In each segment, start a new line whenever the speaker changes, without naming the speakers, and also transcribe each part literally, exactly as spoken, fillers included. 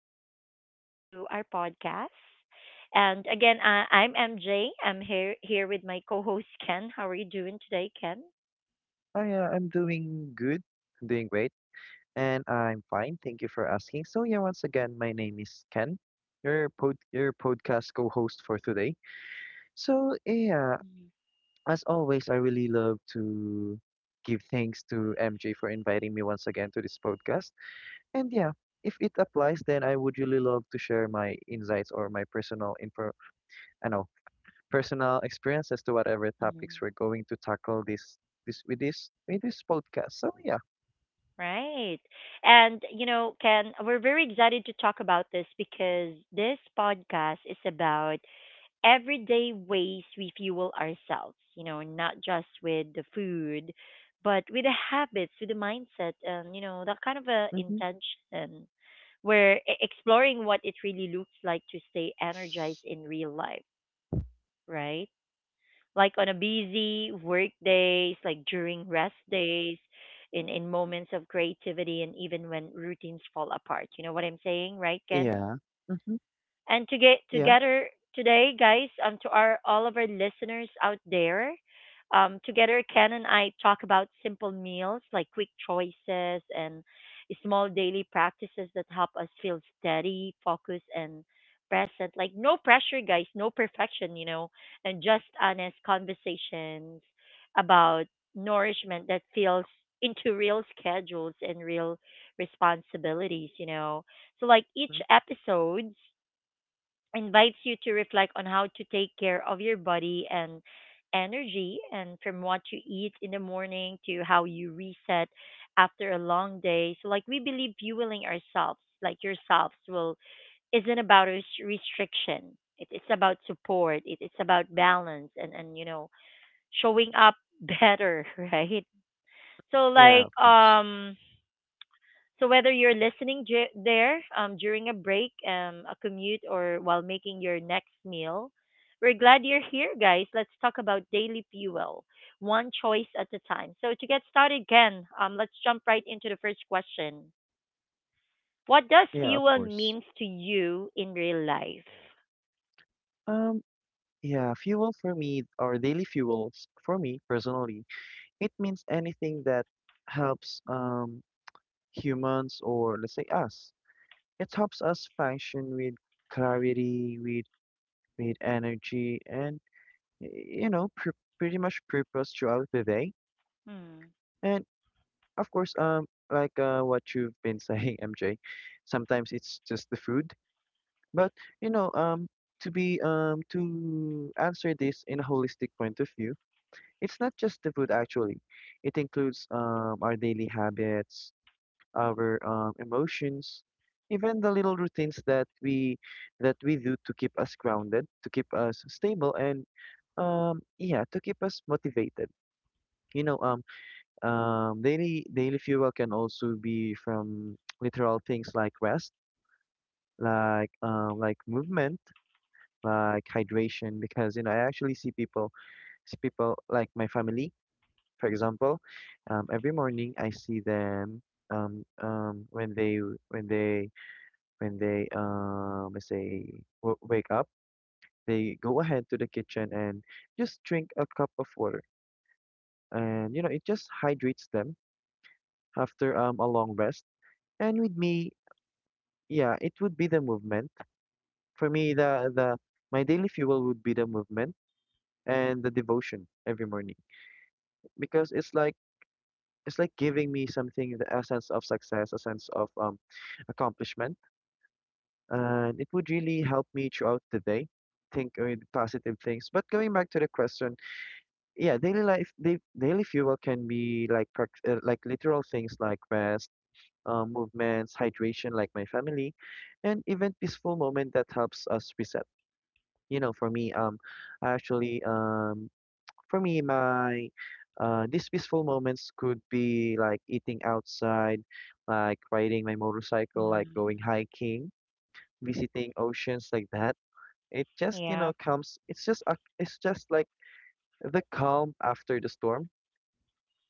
and welcome to our podcast. And again, I, I'm M J. I'm here here with my co-host Ken. How are you doing today, Ken?
Hi, uh, I'm doing good. I'm doing great. And I'm fine. Thank you for asking. So, yeah, once again, my name is Ken, your pod your podcast co-host for today. So, yeah, as always, I really love to give thanks to M J for inviting me once again to this podcast. And yeah, if it applies, then I would really love to share my insights or my personal info, I know, personal experiences to whatever
Mm-hmm.
topics we're going to tackle this this with this with this podcast. So, yeah.
Right. And you know, Ken, we're very excited to talk about this because this podcast is about everyday ways we fuel ourselves, you know, not just with the food, but with the habits, with the mindset, and, you know, that kind of a
Hmm.
intention where e- exploring what it really looks like to stay energized in real life, right? Like on a busy work days, like during rest days, in, in moments of creativity, and even when routines fall apart. You know what I'm saying, right, Ken?
Yeah. Mhm.
And to get
Yeah.
together today, guys, um, to our all of our listeners out there, um, together Ken and I talk about simple meals like quick choices and small daily practices that help us feel steady, focused, and present. Like no pressure, guys, no perfection, you know, and just honest conversations about nourishment that feels into real schedules and real responsibilities, you know. So like each
Mhm.
episodes invites you to reflect on how to take care of your body and energy and from what you eat in the morning to how you reset after a long day, so like we believe fueling ourselves like yourselves will isn't about res- restriction, it, it's about support, it, it's about balance and and you know showing up better, right? So
Yeah,
like
of course.
um so whether you're listening j- there, um, during a break, um, a commute, or while making your next meal, we're glad you're here, guys. Let's talk about daily fuel, one choice at a time. So to get started, Ken, um, let's jump right into the first question. What does
Yeah, of
fuel
course.
means to you in real life?
Um, yeah, fuel for me, or daily fuels for me personally, it means anything that helps um humans or let's say us. It helps us function with clarity, with with energy, and y- you know, pr pretty much purpose throughout the day.
Hmm.
And of course, um, like uh, what you've been saying, M J, sometimes it's just the food. But you know, um, to be um to answer this in a holistic point of view, it's not just the food actually. It includes um our daily habits, our um emotions, even the little routines that we that we do to keep us grounded, to keep us stable, and um yeah, to keep us motivated. You know, um um daily daily fuel can also be from literal things like rest, like um like movement, like hydration, because you know I actually see people see people like my family, for example. um, every morning I see them, um, um, when they when they when they um, let's say w wake up, they go ahead to the kitchen and just drink a cup of water, and you know it just hydrates them after um, a long rest. And with me, yeah, it would be the movement. For me, the the my daily fuel would be the movement and the devotion every morning, because it's like it's like giving me something, the a sense of success, a sense of um accomplishment, and it would really help me throughout the day think with positive things. But going back to the question, yeah, daily life, da- daily fuel can be like prac- uh, like literal things like rest. Um, movements, hydration, like my family, and even peaceful moment that helps us reset. You know, for me, um, I actually um For me, my uh, these peaceful moments could be like eating outside, like riding my motorcycle, like
Mm-hmm.
going hiking, visiting oceans like that. It just, you
Yeah.
know, comes. It's just a, it's just like the calm after the storm.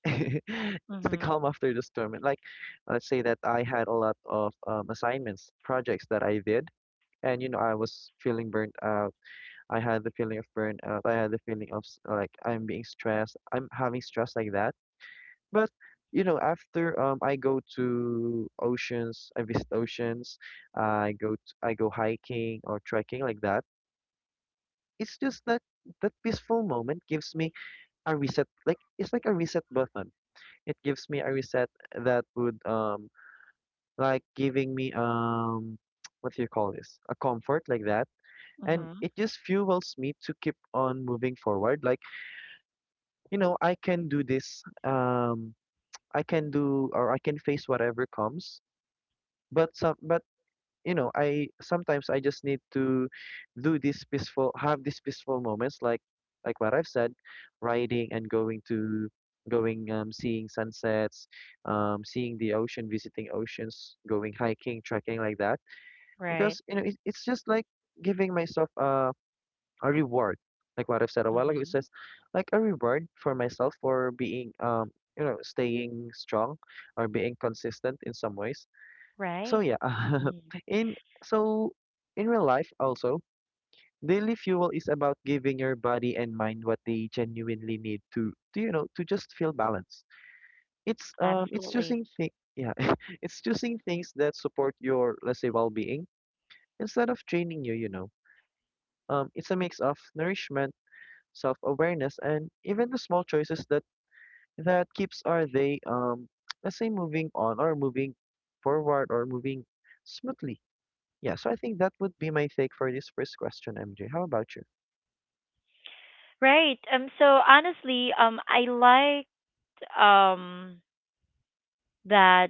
It's the
Mm-hmm.
calm after the storm. And like, let's say that I had a lot of um, assignments, projects that I did, and you know, I was feeling burnt out. I had the feeling of burnout. I had the feeling of s- like I'm being stressed. I'm having stress like that. But you know, after um, I go to oceans, I visit oceans, I go t I go hiking or trekking like that. It's just that that peaceful moment gives me a reset. Like it's like a reset button. It gives me a reset that would um like giving me um what do you call this? A comfort like that. And
Mm-hmm.
it just fuels me to keep on moving forward. Like, you know, I can do this. Um, I can do or I can face whatever comes, but some but you know I sometimes I just need to do these peaceful have these peaceful moments, like like what I've said, riding and going to going um seeing sunsets, um seeing the ocean, visiting oceans, going hiking, trekking like that,
Right.
because you know it, it's just like giving myself a a reward. Like what I've said a while ago, it's
Mm-hmm.
just like a reward for myself for being um you know staying strong or being consistent in some ways. So,
Right.
yeah,
Mhm.
in so in real life also, daily fuel is about giving your body and mind what they genuinely need to, to you know, to just feel balanced. It's um it's
Absolutely.
choosing thi- yeah, it's choosing things that support your, let's say, well-being instead of draining you, you know. Um it's a mix of nourishment, self-awareness, and even the small choices that that keeps are they um let's say moving on or moving forward or moving smoothly. Yeah, so I think that would be my take for this first question, M J. How about you?
Right. Um so honestly, um I like um that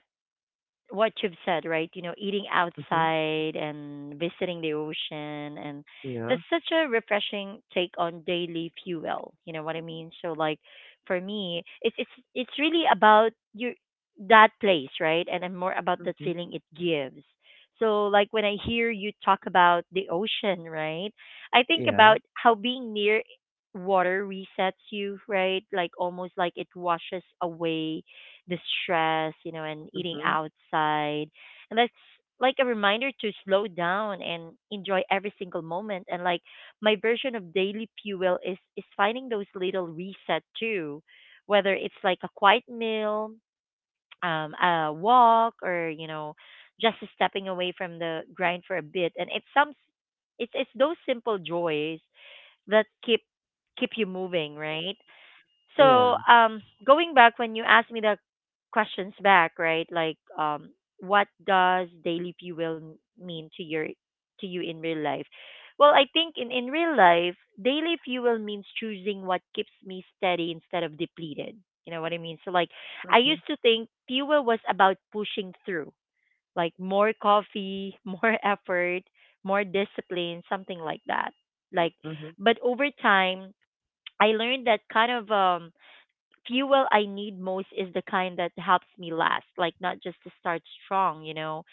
what you've said, right? You know, eating
Mm-hmm.
outside and visiting the ocean, and
Yeah.
that's such a refreshing take on daily fuel. You know what I mean? So like for me, it's it's it's really about your that place, right? And I'm more about that
Mm-hmm.
feeling it gives. So like when I hear you talk about the ocean, right? I think
Yeah.
about how being near water resets you, right? Like almost like it washes away the stress, you know, and eating
Mm-hmm.
outside. And that's like a reminder to slow down and enjoy every single moment. And like my version of daily fuel is is finding those little reset too, whether it's like a quiet meal, um, a walk, or you know, just stepping away from the grind for a bit. And it's some it's it's those simple joys that keep keep you moving, right?
Yeah.
So, um, going back when you asked me the questions back, right? Like, um, what does daily fuel mean to your to you in real life? Well, I think in in real life, daily fuel means choosing what keeps me steady instead of depleted. You know what I mean? So, like, I
Mm-hmm.
used to think fuel was about pushing through, like more coffee, more effort, more discipline, something like that. Like,
Mm-hmm.
but over time, I learned that kind of um fuel I need most is the kind that helps me last, like not just to start strong, you know.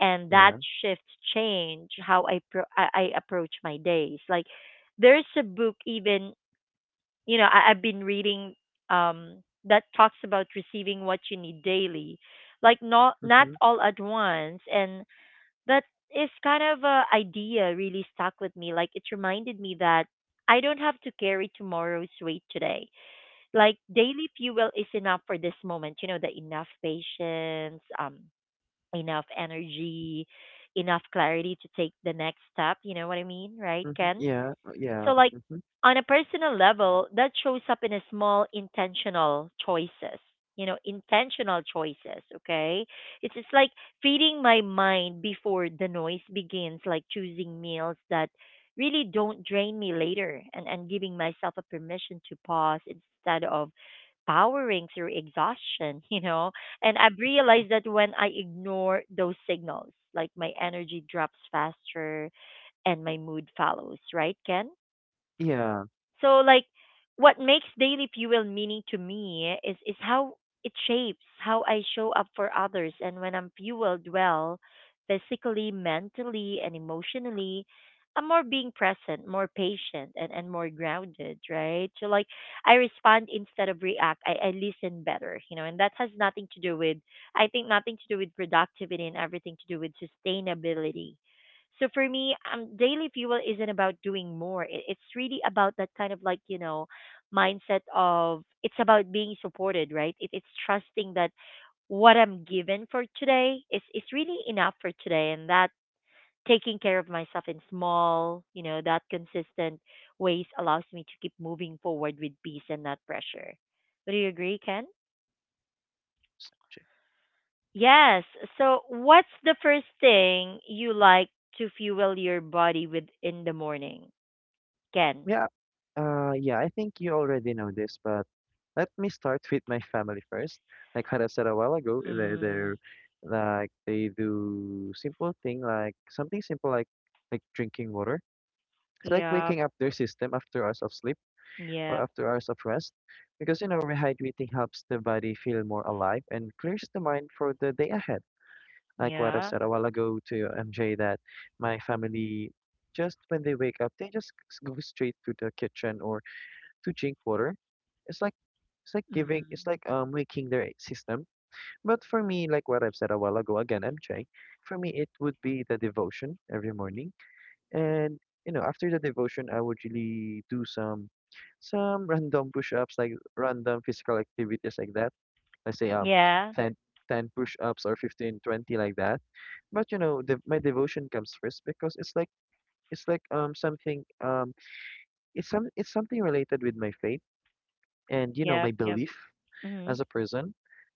And that
Yeah.
shift change how I pro- I, I approach my days. Like there's a book even, you know, I, I've been reading um that talks about receiving what you need daily, like not not
Mm-hmm.
all at once, and that is kind of a idea really stuck with me. Like it reminded me that I don't have to carry tomorrow's weight today. Like daily fuel is enough for this moment, you know, the enough patience, um enough energy, enough clarity to take the next step. You know what I mean, right,
Mm-hmm.
Ken?
Yeah. uh,
So
Yeah.
like
Mm-hmm.
on a personal level, that shows up in a small intentional choices, you know, intentional choices. Okay, it's just like feeding my mind before the noise begins, like choosing meals that really don't drain me later, and and giving myself a permission to pause instead of powering through exhaustion, you know? And I've realized that when I ignore those signals, like my energy drops faster and my mood follows, right, Ken?
Yeah.
So like what makes daily fuel meaning to me is is how it shapes how I show up for others, and when I'm fueled well physically, mentally and emotionally, I'm more being present, more patient, and, and more grounded, right? So like I respond instead of react. I, I listen better, you know, and that has nothing to do with, I think, nothing to do with productivity and everything to do with sustainability. So for me, um, daily fuel isn't about doing more. It, it's really about that kind of, like, you know, mindset of it's about being supported, right? It, it's trusting that what I'm given for today is is really enough for today, and that taking care of myself in small, you know, that consistent ways allows me to keep moving forward with peace and not pressure. Would you agree, Ken?
s- M J.
Yes. So, what's the first thing you like to fuel your body with in the morning? Can.
Yeah. Uh, yeah, I think you already know this, but let me start with my family first. Like what I said a while ago, they're,
Mm.
they're like they do simple thing, like something simple, like like drinking water. It's like
Yep.
waking up their system after hours of sleep or
Yep.
after hours of rest, because you know rehydrating helps the body feel more alive and clears the mind for the day ahead. Like what I've
Yeah.
said a while ago to MJ, that my family, just when they wake up, they just s- go straight to the kitchen or to drink water. it's like it's like giving it's
Mm.
like um waking their system. But for me, like what I've said a while ago, again, MJ, for me it would be the devotion every morning. And you know, after the devotion, I would really do some some random push-ups, like random physical activities like that. Let's say um
Yeah.
ten ten push-ups, or fifteen, twenty like that. But you know, the, my devotion comes first, because it's like it's like um something um it's some it's something related with my faith, and you know my
Yep. Yep.
belief
Mhm.
as a person.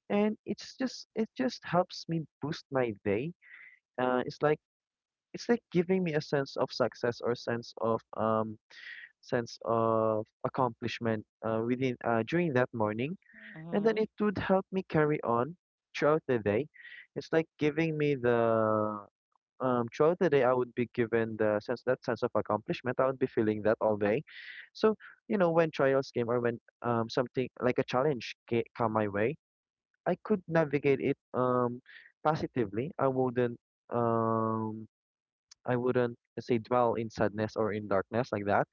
And it's just it just helps me boost my day. Uh, it's like it's like giving me a sense of success, or sense of um sense of accomplishment, uh, within uh, during that morning, and then
Mhm.
it would help me carry on throughout the day. It's like giving me the um, throughout the day I would be given the sense, that sense of accomplishment. I would be feeling that all day. So you know when trials came, or when um, something like a challenge ca- come my way, I could navigate it um, positively. I wouldn't um, I wouldn't, let's say, dwell in sadness or in darkness like that,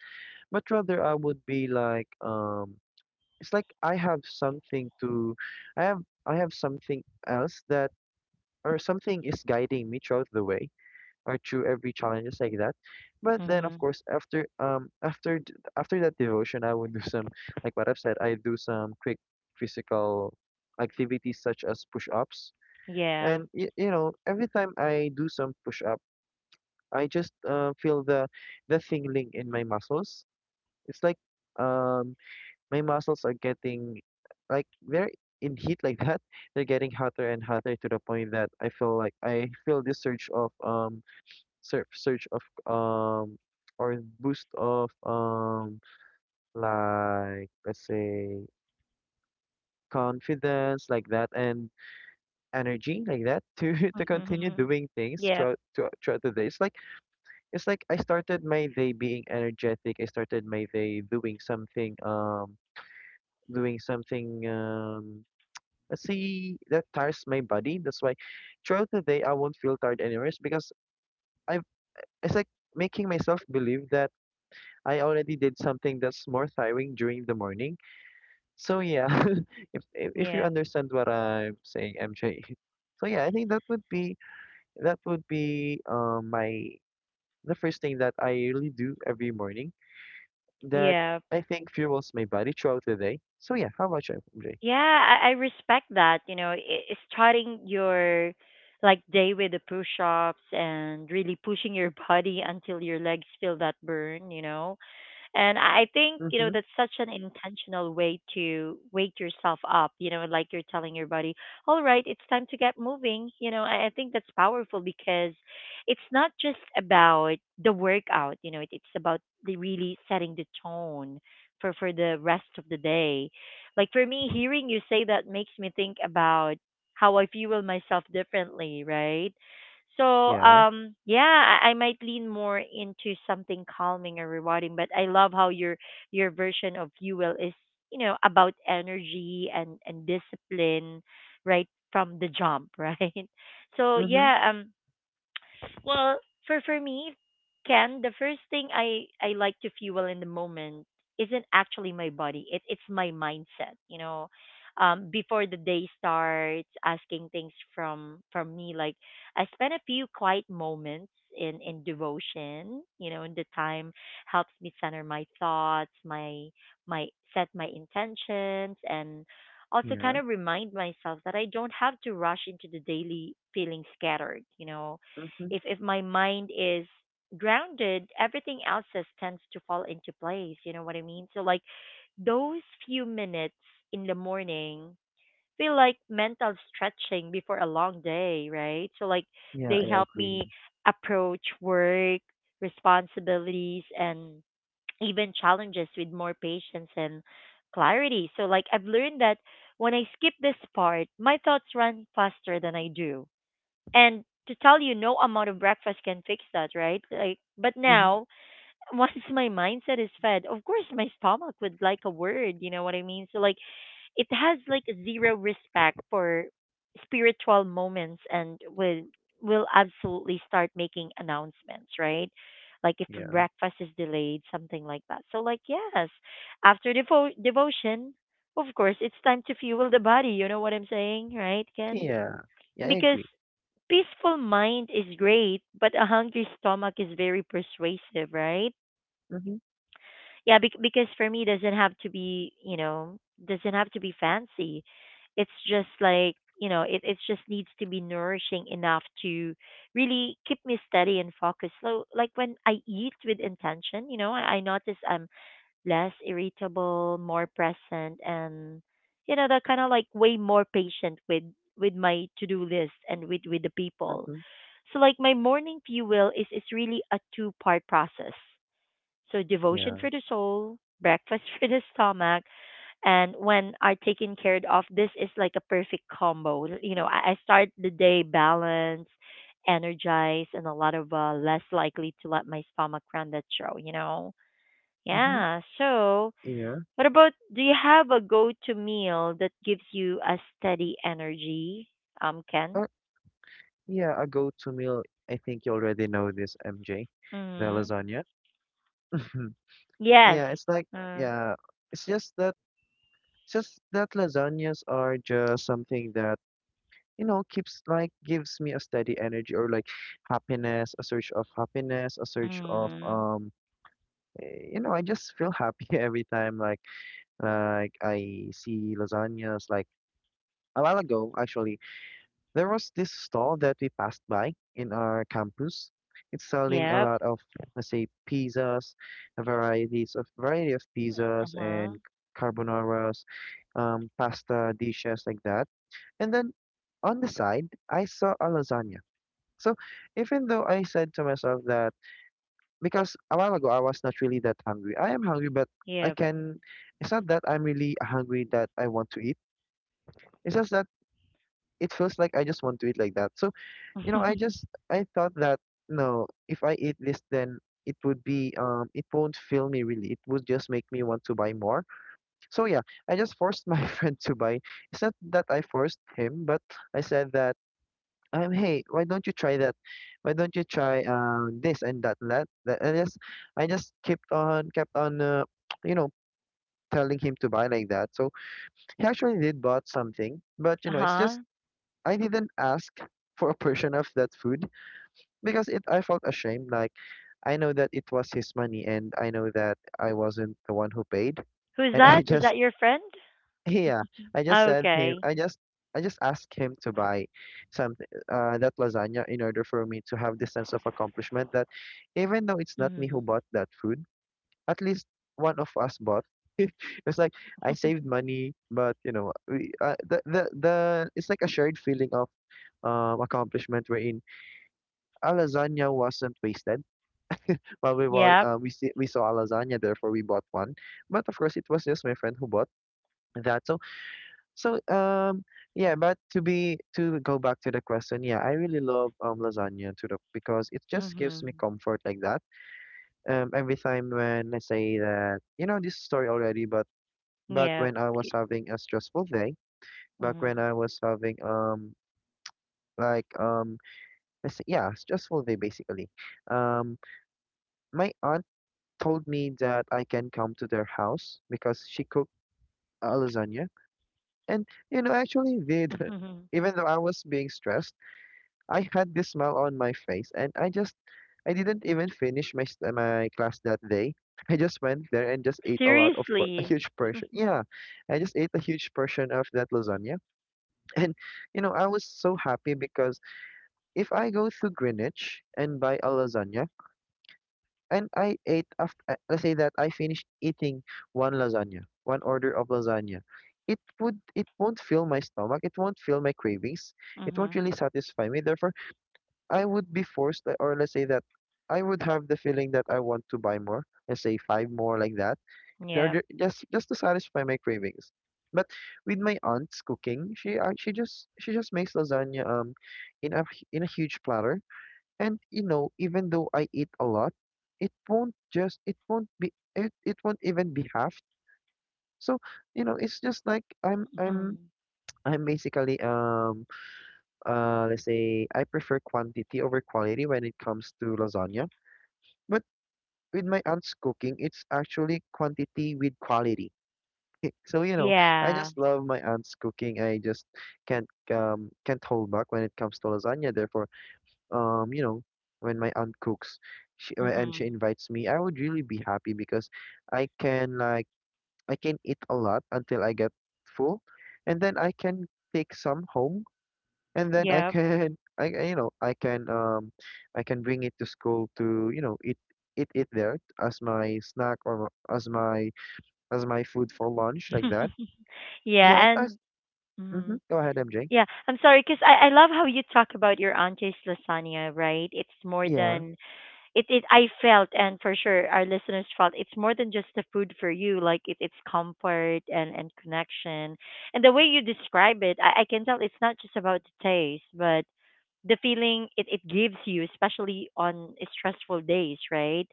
but rather, I would be like, um, it's like I have something to, I have I have something else that, or something is guiding me throughout the way, or through every challenges like that. But then, of
Mhm.
course, after um after d- after that devotion, I would do some, like what I've said. I do some quick physical activities such as push-ups,
Yeah.
and y you know, every time I do some push-up, I just uh, feel the the tingling in my muscles. It's like um my muscles are getting, like they're in heat like that. They're getting hotter and hotter, to the point that I feel like I feel this surge of um sur surge of um or boost of um like, let's say, confidence like that, and energy like that to to continue
Mhm.
doing things
Yep.
throughout throughout throughout the day. It's like it's like I started my day being energetic. I started my day doing something um doing something, um see that tires my body. That's why throughout the day I won't feel tired anymore. It's because I've it's like making myself believe that I already did something that's more tiring during the morning. So, yeah, if if if you
Yep.
understand what I'm saying, M J. So, yeah, I think that would be that would be um my the first thing that I really do every morning that
Yeah.
I think fuels my body throughout the day. So, yeah, how about you, M J?
Yeah, I, I respect that. You know, i- i- starting your like day with the push ups and really pushing your body until your legs feel that burn, you know. And I think, you know,
Mm-hmm.
that's such an intentional way to wake yourself up, you know, like you're telling your body, all right, it's time to get moving. You know, I I think that's powerful because it's not just about the workout, you know, it, it's about the really setting the tone for, for the rest of the day. Like for me, hearing you say that makes me think about how I fuel myself differently, right? So
Yeah.
um yeah, I, I might lean more into something calming or rewarding, but I love how your your version of you will is, you know, about energy and and discipline right from the jump, right? So
Mm-hmm.
yeah, um well, for for me, Ken, the first thing I I like to fuel in the moment isn't actually my body. It it's my mindset. You know, um, before the day starts, asking things from from me. Like I spent a few quiet moments in in devotion. You know, and the time helps me center my thoughts, my my set my intentions, and also kind
Yeah.
of remind myself that I don't have to rush into the daily feeling scattered. You know,
Mm-hmm.
if if my mind is grounded, everything else just tends to fall into place, you know what I mean? So like those few minutes in the morning feel like mental stretching before a long day, right? So like
Yeah,
they
I
help
agree.
me approach work responsibilities and even challenges with more patience and clarity. So like I've learned that when I skip this part, my thoughts run faster than I do, and to tell you, no amount of breakfast can fix that, right? Like, but
Mhm.
now, once my mindset is fed, of course my stomach would like a word. You know what I mean? So like, it has like zero respect for spiritual moments, and will will absolutely start making announcements, right? Like if
Yeah.
breakfast is delayed, something like that. So like, yes, after devo- devotion, of course, it's time to fuel the body. You know what I'm saying, right, Ken?
Yeah. Yeah, I
Because
agree.
peaceful mind is great, but a hungry stomach is very persuasive, right?
Mhm.
Yeah, bec because for me doesn't have to be, you know, doesn't have to be fancy. It's just like, you know, it it just needs to be nourishing enough to really keep me steady and focused. So like when I eat with intention, you know, I, I notice I'm less irritable, more present, and you know, that kind of like way more patient with with my to-do list and with with the people.
Mhm.
So like my morning fuel is is really a two part process. So devotion
Yeah.
for the soul, breakfast for the stomach, and when are taken care of, this is like a perfect combo. You know, I, I start the day balanced, energized, and a lot of uh, less likely to let my stomach run that show. You know,
Mhm.
yeah. So
Yeah.
what about do you have a go to meal that gives you a steady energy? Um, Ken.
Uh, yeah, a go-to meal. I think you already know this, M J, the
Mm-hmm.
lasagna.
Yes.
Yeah, it's like
Mm.
yeah, it's just that it's just that lasagnas are just something that you know keeps like gives me a steady energy, or like happiness, a surge of happiness, a surge of
Mm.
um eh, you know I just feel happy every time, like like I see lasagnas. Like a while ago, actually, there was this stall that we passed by in our campus. It's selling a
Yep.
lot of, let's say, pizzas, varieties of variety of pizzas
Uh-huh.
and carbonaras, um, pasta dishes like that. And then on the side, I saw a lasagna. So even though I said to myself that, because a while ago I was not really that hungry. I am hungry, but I
Yep.
can. It's not that I'm really hungry that I want to eat. It's just that it feels like I just want to eat like that. So You know, I just I thought that no, if I eat this, then it would be um it won't fill me really. It would just make me want to buy more. So yeah, I just forced my friend to buy. It's not that I forced him, but I said that um hey, why don't you try that? Why don't you try uh, this and that and that? That I just I just kept on kept on uh, you know telling him to buy like that. So he actually did bought something, but you know it's just
uh-huh.
I didn't ask for a portion of that food because it I felt ashamed. Like I know that it was his money, and I know that I wasn't the one who paid,
Who's
and I
that? Is
just
that your friend?
yeah, I just said him,
Okay.
I just I just asked him to buy something uh, that lasagna in order for me to have this sense of accomplishment that even though it's not me who
Mm.
bought that food, at least one of us bought. It's like I saved money, but you know, we, uh, the, the the it's like a shared feeling of um accomplishment wherein a lasagna wasn't wasted. While we walk,
Yep.
uh, we see, we saw a lasagna, therefore we bought one. But of course, it was just my friend who bought that. So so um yeah. But to be to go back to the question, yeah, I really love um lasagna to the because it just gives me
Mhm.
comfort like that. Um, every time when I say that you know this story already, but back
Yep.
when I was having a stressful day, back when
Mhm.
I was having um like um let's say, yeah, stressful day basically. Um, my aunt told me that I can come to their house because she cooked a lasagna. And, you know, actually did.
Mhm.
Even though I was being stressed, I had this smile on my face and I just I didn't even finish my st- my class that day. I just went there and just ate a lot of por- a
Seriously.
huge portion. Yeah, I just ate a huge portion of that lasagna. And you know, I was so happy because if I go to Greenwich and buy a lasagna, and I ate after let's say that I finished eating one lasagna, one order of lasagna. It would it won't fill my stomach, it won't fill my cravings, it won't
Mhm.
really satisfy me. Therefore, I would be forced uh, or let's say that I would have the feeling that I want to buy more, let's say five more like that, in
Yep.
order just just to satisfy my cravings. But with my aunt's cooking, she uh, she just she just makes lasagna um in a in a huge platter, and you know, even though I eat a lot, it won't just it won't be it, it won't even be half. So, you know, it's just like I'm I'm
Mhm.
I'm basically um uh let's say I prefer quantity over quality when it comes to lasagna. But with my aunt's cooking, it's actually quantity with quality. So, you know, I
Yeah.
just love my aunt's cooking. I just can't um can't hold back when it comes to lasagna. Therefore, um, you know, when my aunt cooks, she uh, and she
Mhm.
invites me, I would really be happy because I can like I can eat a lot until I get full, and then I can take some home, and then I
Yep.
can I I- you know I can um I can bring it to school to you know eat eat it there as my snack or as my as my food for lunch like that.
yeah,
Yeah, it does.
and
Mm-hmm.
mhm.
Go ahead, M J.
Yeah, I'm sorry, sorry, cause I I love how you talk about your auntie's lasagna, right? It's more
Yeah,
than it it I felt and for sure our listeners felt it's more than just the food for you. Like it, it's comfort and and connection, and the way you describe it, I, I can tell it's not just about the taste, but the feeling it, it gives you, especially on stressful days, right?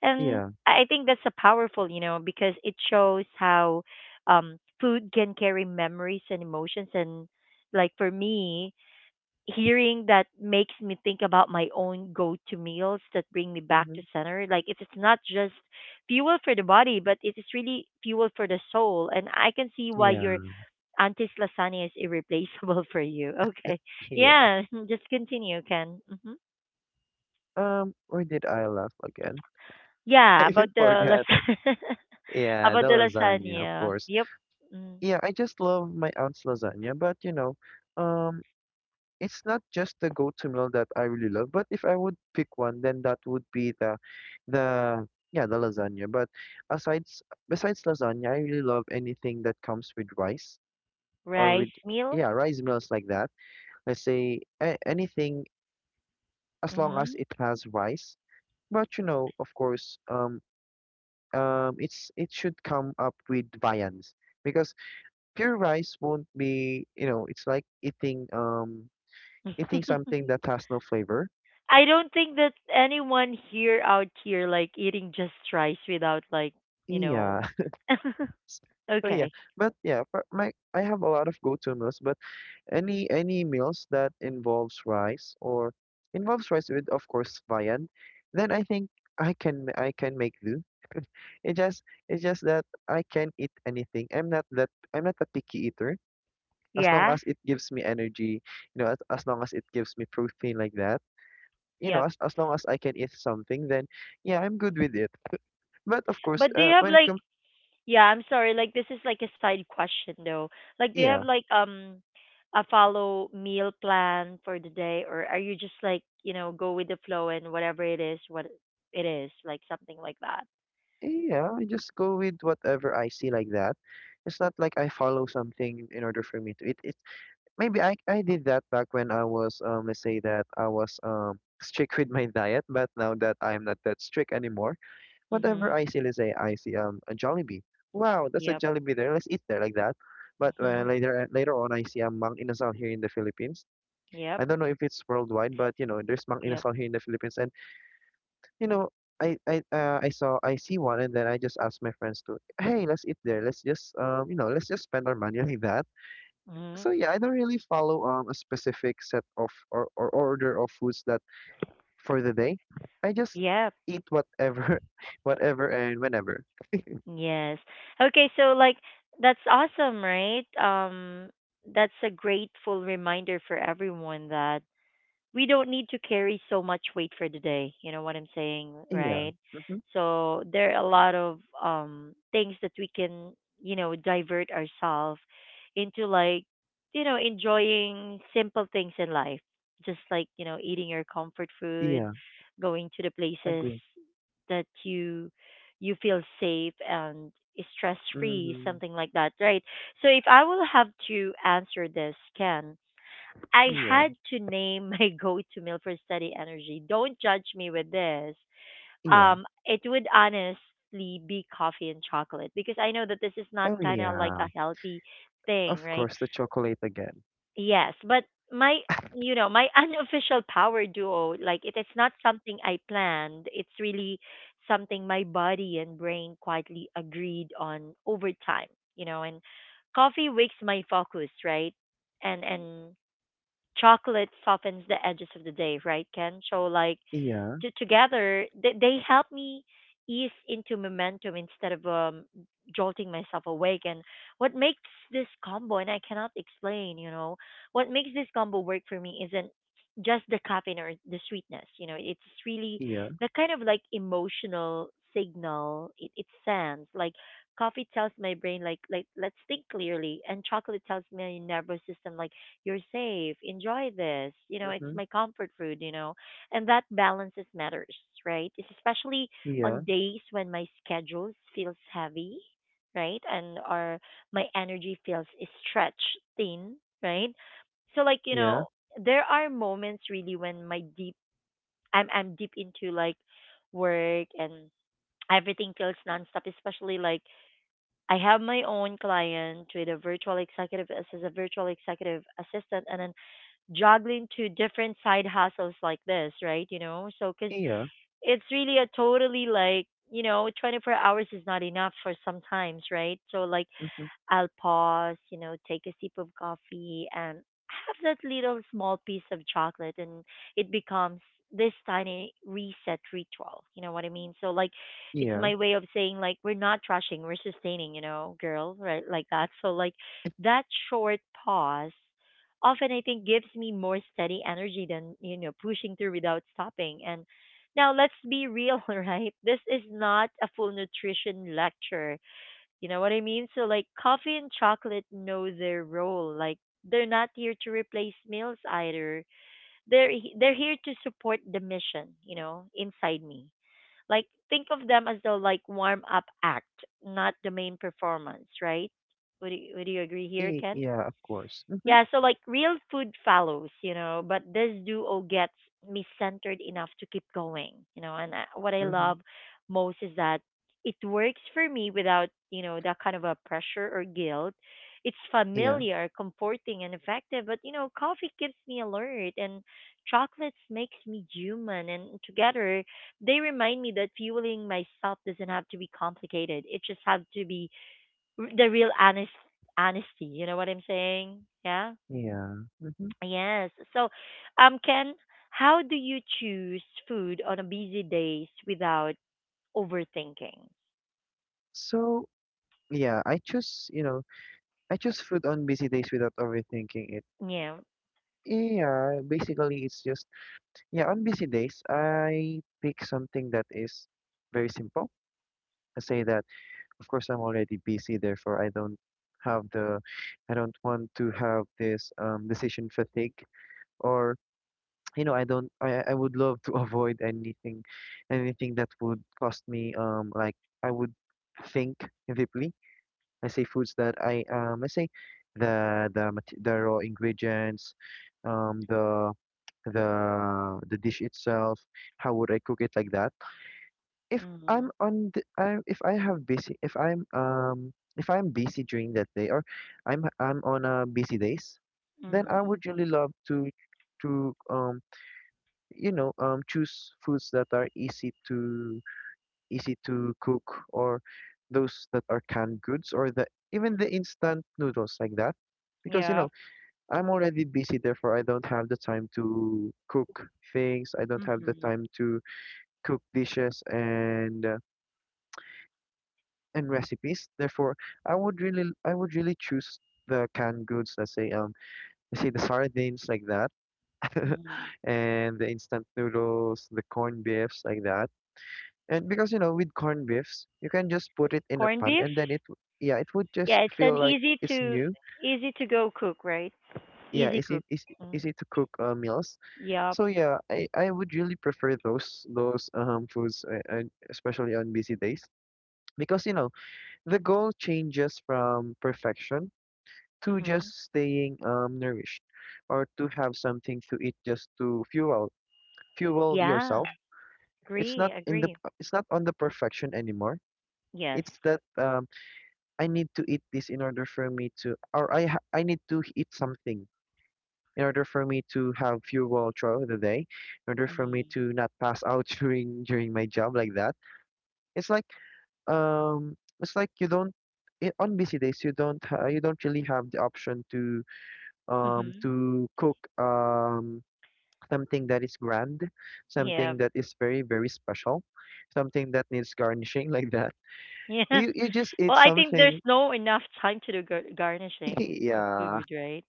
And I
yeah.
I think that's a powerful, you know, because it shows how um, food can carry memories and emotions. And like for me, hearing that makes me think about my own go-to meals that bring me back
Mm-hmm.
to center. Like it is not just fuel for the body, but it is really fuel for the soul. And I can see why
Yeah,
your auntie's lasagna is irreplaceable for you. Okay,
yeah.
yeah, just continue, Ken. Hmm.
Um, where did I laugh again? I
Yeah,
even
about the
forgot it.
lasagna,
Yeah,
about
the
the
lasagna, of
lasagna.
course.
Yep. Mm.
Yeah, I just love my aunt's lasagna, but you know, um, it's not just the go-to meal that I really love. But if I would pick one, then that would be the, the yeah, the lasagna. But asides besides lasagna, I really love anything that comes with rice or with
Rice meal.
yeah, rice meals like that. Let's say a anything as long
Mm-hmm.
as it has rice. But you know, of course, um, um, it's it should come up with viands because pure rice won't be, you know, it's like eating um eating something that has no flavor.
I don't think that anyone here out here like eating just rice without like, you know.
Yeah. So yeah,
Okay.
but yeah, for my I have a lot of go-to meals, but any any meals that involves rice or involves rice with of course viand, then I think I can ma- I can make do. It just it's just that I can eat anything. I'm not that I'm not a picky eater. As long
Yeah.
as it gives me energy, you know, as, as long as it gives me protein like that, you know,
Yep.
as, as long as I can eat something, then yeah, I'm good with it. But of course,
But do you
uh,
have
when it
like,
comes,
yeah, I'm sorry, like this is like a side question though. Like do you have
yeah,
like um a follow meal plan for the day, or are you just like, you know, go with the flow and whatever it is, what it is, like something like that?
yeah, I just go with whatever I see like that. It's not like I follow something in order for me to eat. It maybe I I did that back when I was um let's say that I was um strict with my diet, but now that I'm not that strict anymore. Whatever
Mhm.
I see, let's say, I see um a Jollibee. Wow, that's a
Yep.
Jollibee there. Let's eat there like that. But uh,
Mhm.
later uh, later on, I see a Mang Inasal here in the Philippines.
Yep.
I don't know if it's worldwide, but you know, there's Mang
Yep.
Inasal here in the Philippines, and you know, I I uh, I saw I see one, and then I just asked my friends to, hey, let's eat there. Let's just um you know, let's just spend our money like that. So
Mhm.
yeah, I don't really follow um a specific set of or, or order of foods that for the day. I just
Yep.
eat whatever, whatever and whenever.
Yes. Okay, so like that's awesome, right? Um that's a grateful reminder for everyone that we don't need to carry so much weight for the day. You know what I'm saying,
Yeah.
right? So there are a lot of um things that we can, you know, divert ourselves into, like, you know, enjoying simple things in life. Just like, you know, eating your comfort food,
Yeah,
going to the places
agree.
that you you feel safe and stress free,
Mm-hmm.
something like that, right? So if I will have to answer this, Ken, I
Yeah,
had to name my go-to meal for steady energy. Don't judge me with this.
yeah.
Um, it would honestly be coffee and chocolate, because I know that this is not
Oh,
kind of like
yeah.
a healthy thing,
Of
right?
course, the chocolate again.
Yes, but my, you know my unofficial power duo, like it is not something I planned. It's really something my body and brain quietly agreed on over time, you know. And coffee wakes my focus, right? And and chocolate softens the edges of the day, right, Ken? So like
Yeah,
to, together they, they help me ease into momentum instead of um jolting myself awake. And what makes this combo, and I cannot explain, you know, what makes this combo work for me isn't just the caffeine or the sweetness. You know, it's really
yeah.
the kind of like emotional signal it, it sends. Like coffee tells my brain like like let's think clearly, and chocolate tells my nervous system like, you're safe, enjoy this, you know, it's
Mm-hmm.
my comfort food, you know. And that balances matters, right? It's especially
Yeah,
on days when my schedule feels heavy, right? And or my energy feels stretched thin, right? So like, you
yeah,
know, there are moments really when my deep, I'm I'm deep into like work and everything feels nonstop, especially like I have my own client with a virtual executive as as a virtual executive assistant, and then juggling two different side hustles like this, right? You know, so because
yeah.
it's really a totally, like, you know, twenty-four hours is not enough for sometimes, right? So like
Mm-hmm.
I'll pause, you know, take a sip of coffee and have that little small piece of chocolate, and it becomes this tiny reset ritual. You know what I mean? So like it's
Yeah.
my way of saying like, we're not rushing, we're sustaining, you know, girl, right? Like that. So like
It,
that short pause often, I think, gives me more steady energy than, you know, pushing through without stopping. And now let's be real, right? This is not a full nutrition lecture, you know what I mean? So like coffee and chocolate know their role. Like they're not here to replace meals either. They're he- they're here to support the mission, you know, inside me. Like think of them as the, like, warm up act, not the main performance, right? Would you, would you agree here,
eh,
Ken?
yeah, of course. Mm-hmm.
Yeah, so like real food follows, you know, but this duo gets me centered enough to keep going, you know. And I, what I
Mm-hmm.
love most is that it works for me without, you know, that kind of a pressure or guilt. It's
Yeah,
familiar, comforting, and effective. But you know, coffee keeps me alert, and chocolates makes me human. And together, they remind me that fueling myself doesn't have to be complicated. It just have to be r- the real honest honesty. You know what I'm saying? Yeah.
yeah. Mm-hmm.
Yes. So, um, Ken, how do you choose food on a busy days without overthinking?
So, yeah, I choose, you know, I choose food on busy days without overthinking it.
Yeah.
Yeah, basically, it's just, yeah, on busy days, I pick something that is very simple. I say that. Of course I'm already busy, therefore I don't have the I don't want to have this um decision fatigue or you know I don't I I would love to avoid anything anything that would cost me um like I would think deeply. I say foods that I um I say the the mat- the raw ingredients um the the the dish itself, how would I cook it like that? If I'm
Mhm.
on the, I, if I have busy if I'm um if I'm busy during that day or I'm I'm on a busy days, then I
Mhm.
would really love to to um you know um choose foods that are easy to easy to cook or those that are canned goods or the even the instant noodles like that because you know
Yep.
I'm already busy, therefore I don't have the time to cook things, I don't have the
Mhm.
time to cook dishes and and recipes. Therefore, I would really I would really choose the canned goods, let's say um let's say the sardines like that
Mhm.
and the instant noodles, the corned beefs like that. And because you know with corned beefs, you can just put it in a
Corned
pan
beef?
and then it w- yeah, it would just
Yeah, it's an
feel like
easy
it's
to
new.
easy to go cook, right?
Yeah,
Easy
is
cook.
it is
Mm.
easy to cook uh, meals.
Yep.
So yeah, I I would really prefer those those um foods uh, and especially on busy days because you know the goal changes from perfection to just
Mhm.
staying um, nourished or to have something to eat just to fuel fuel
Yeah.
yourself. It's
Agree.
not in the
Agree.
it's not on the perfection anymore.
Yes.
It's that um, I need to eat this in order for me to or I ha- I need to eat something in order for me to have fuel throughout the day, in order for me
Mhm.
to not pass out during during my job like that. It's like um it's like you don't i- on busy days you don't ha- you don't really have the option to um,
Mhm.
to cook um, something that is grand,
Yeah.
something that is very, very special, something that needs garnishing like that.
Yeah.
You you just eat
Well, I think there's
something.
no enough time to do gar- garnishing of
Yeah,
food, right?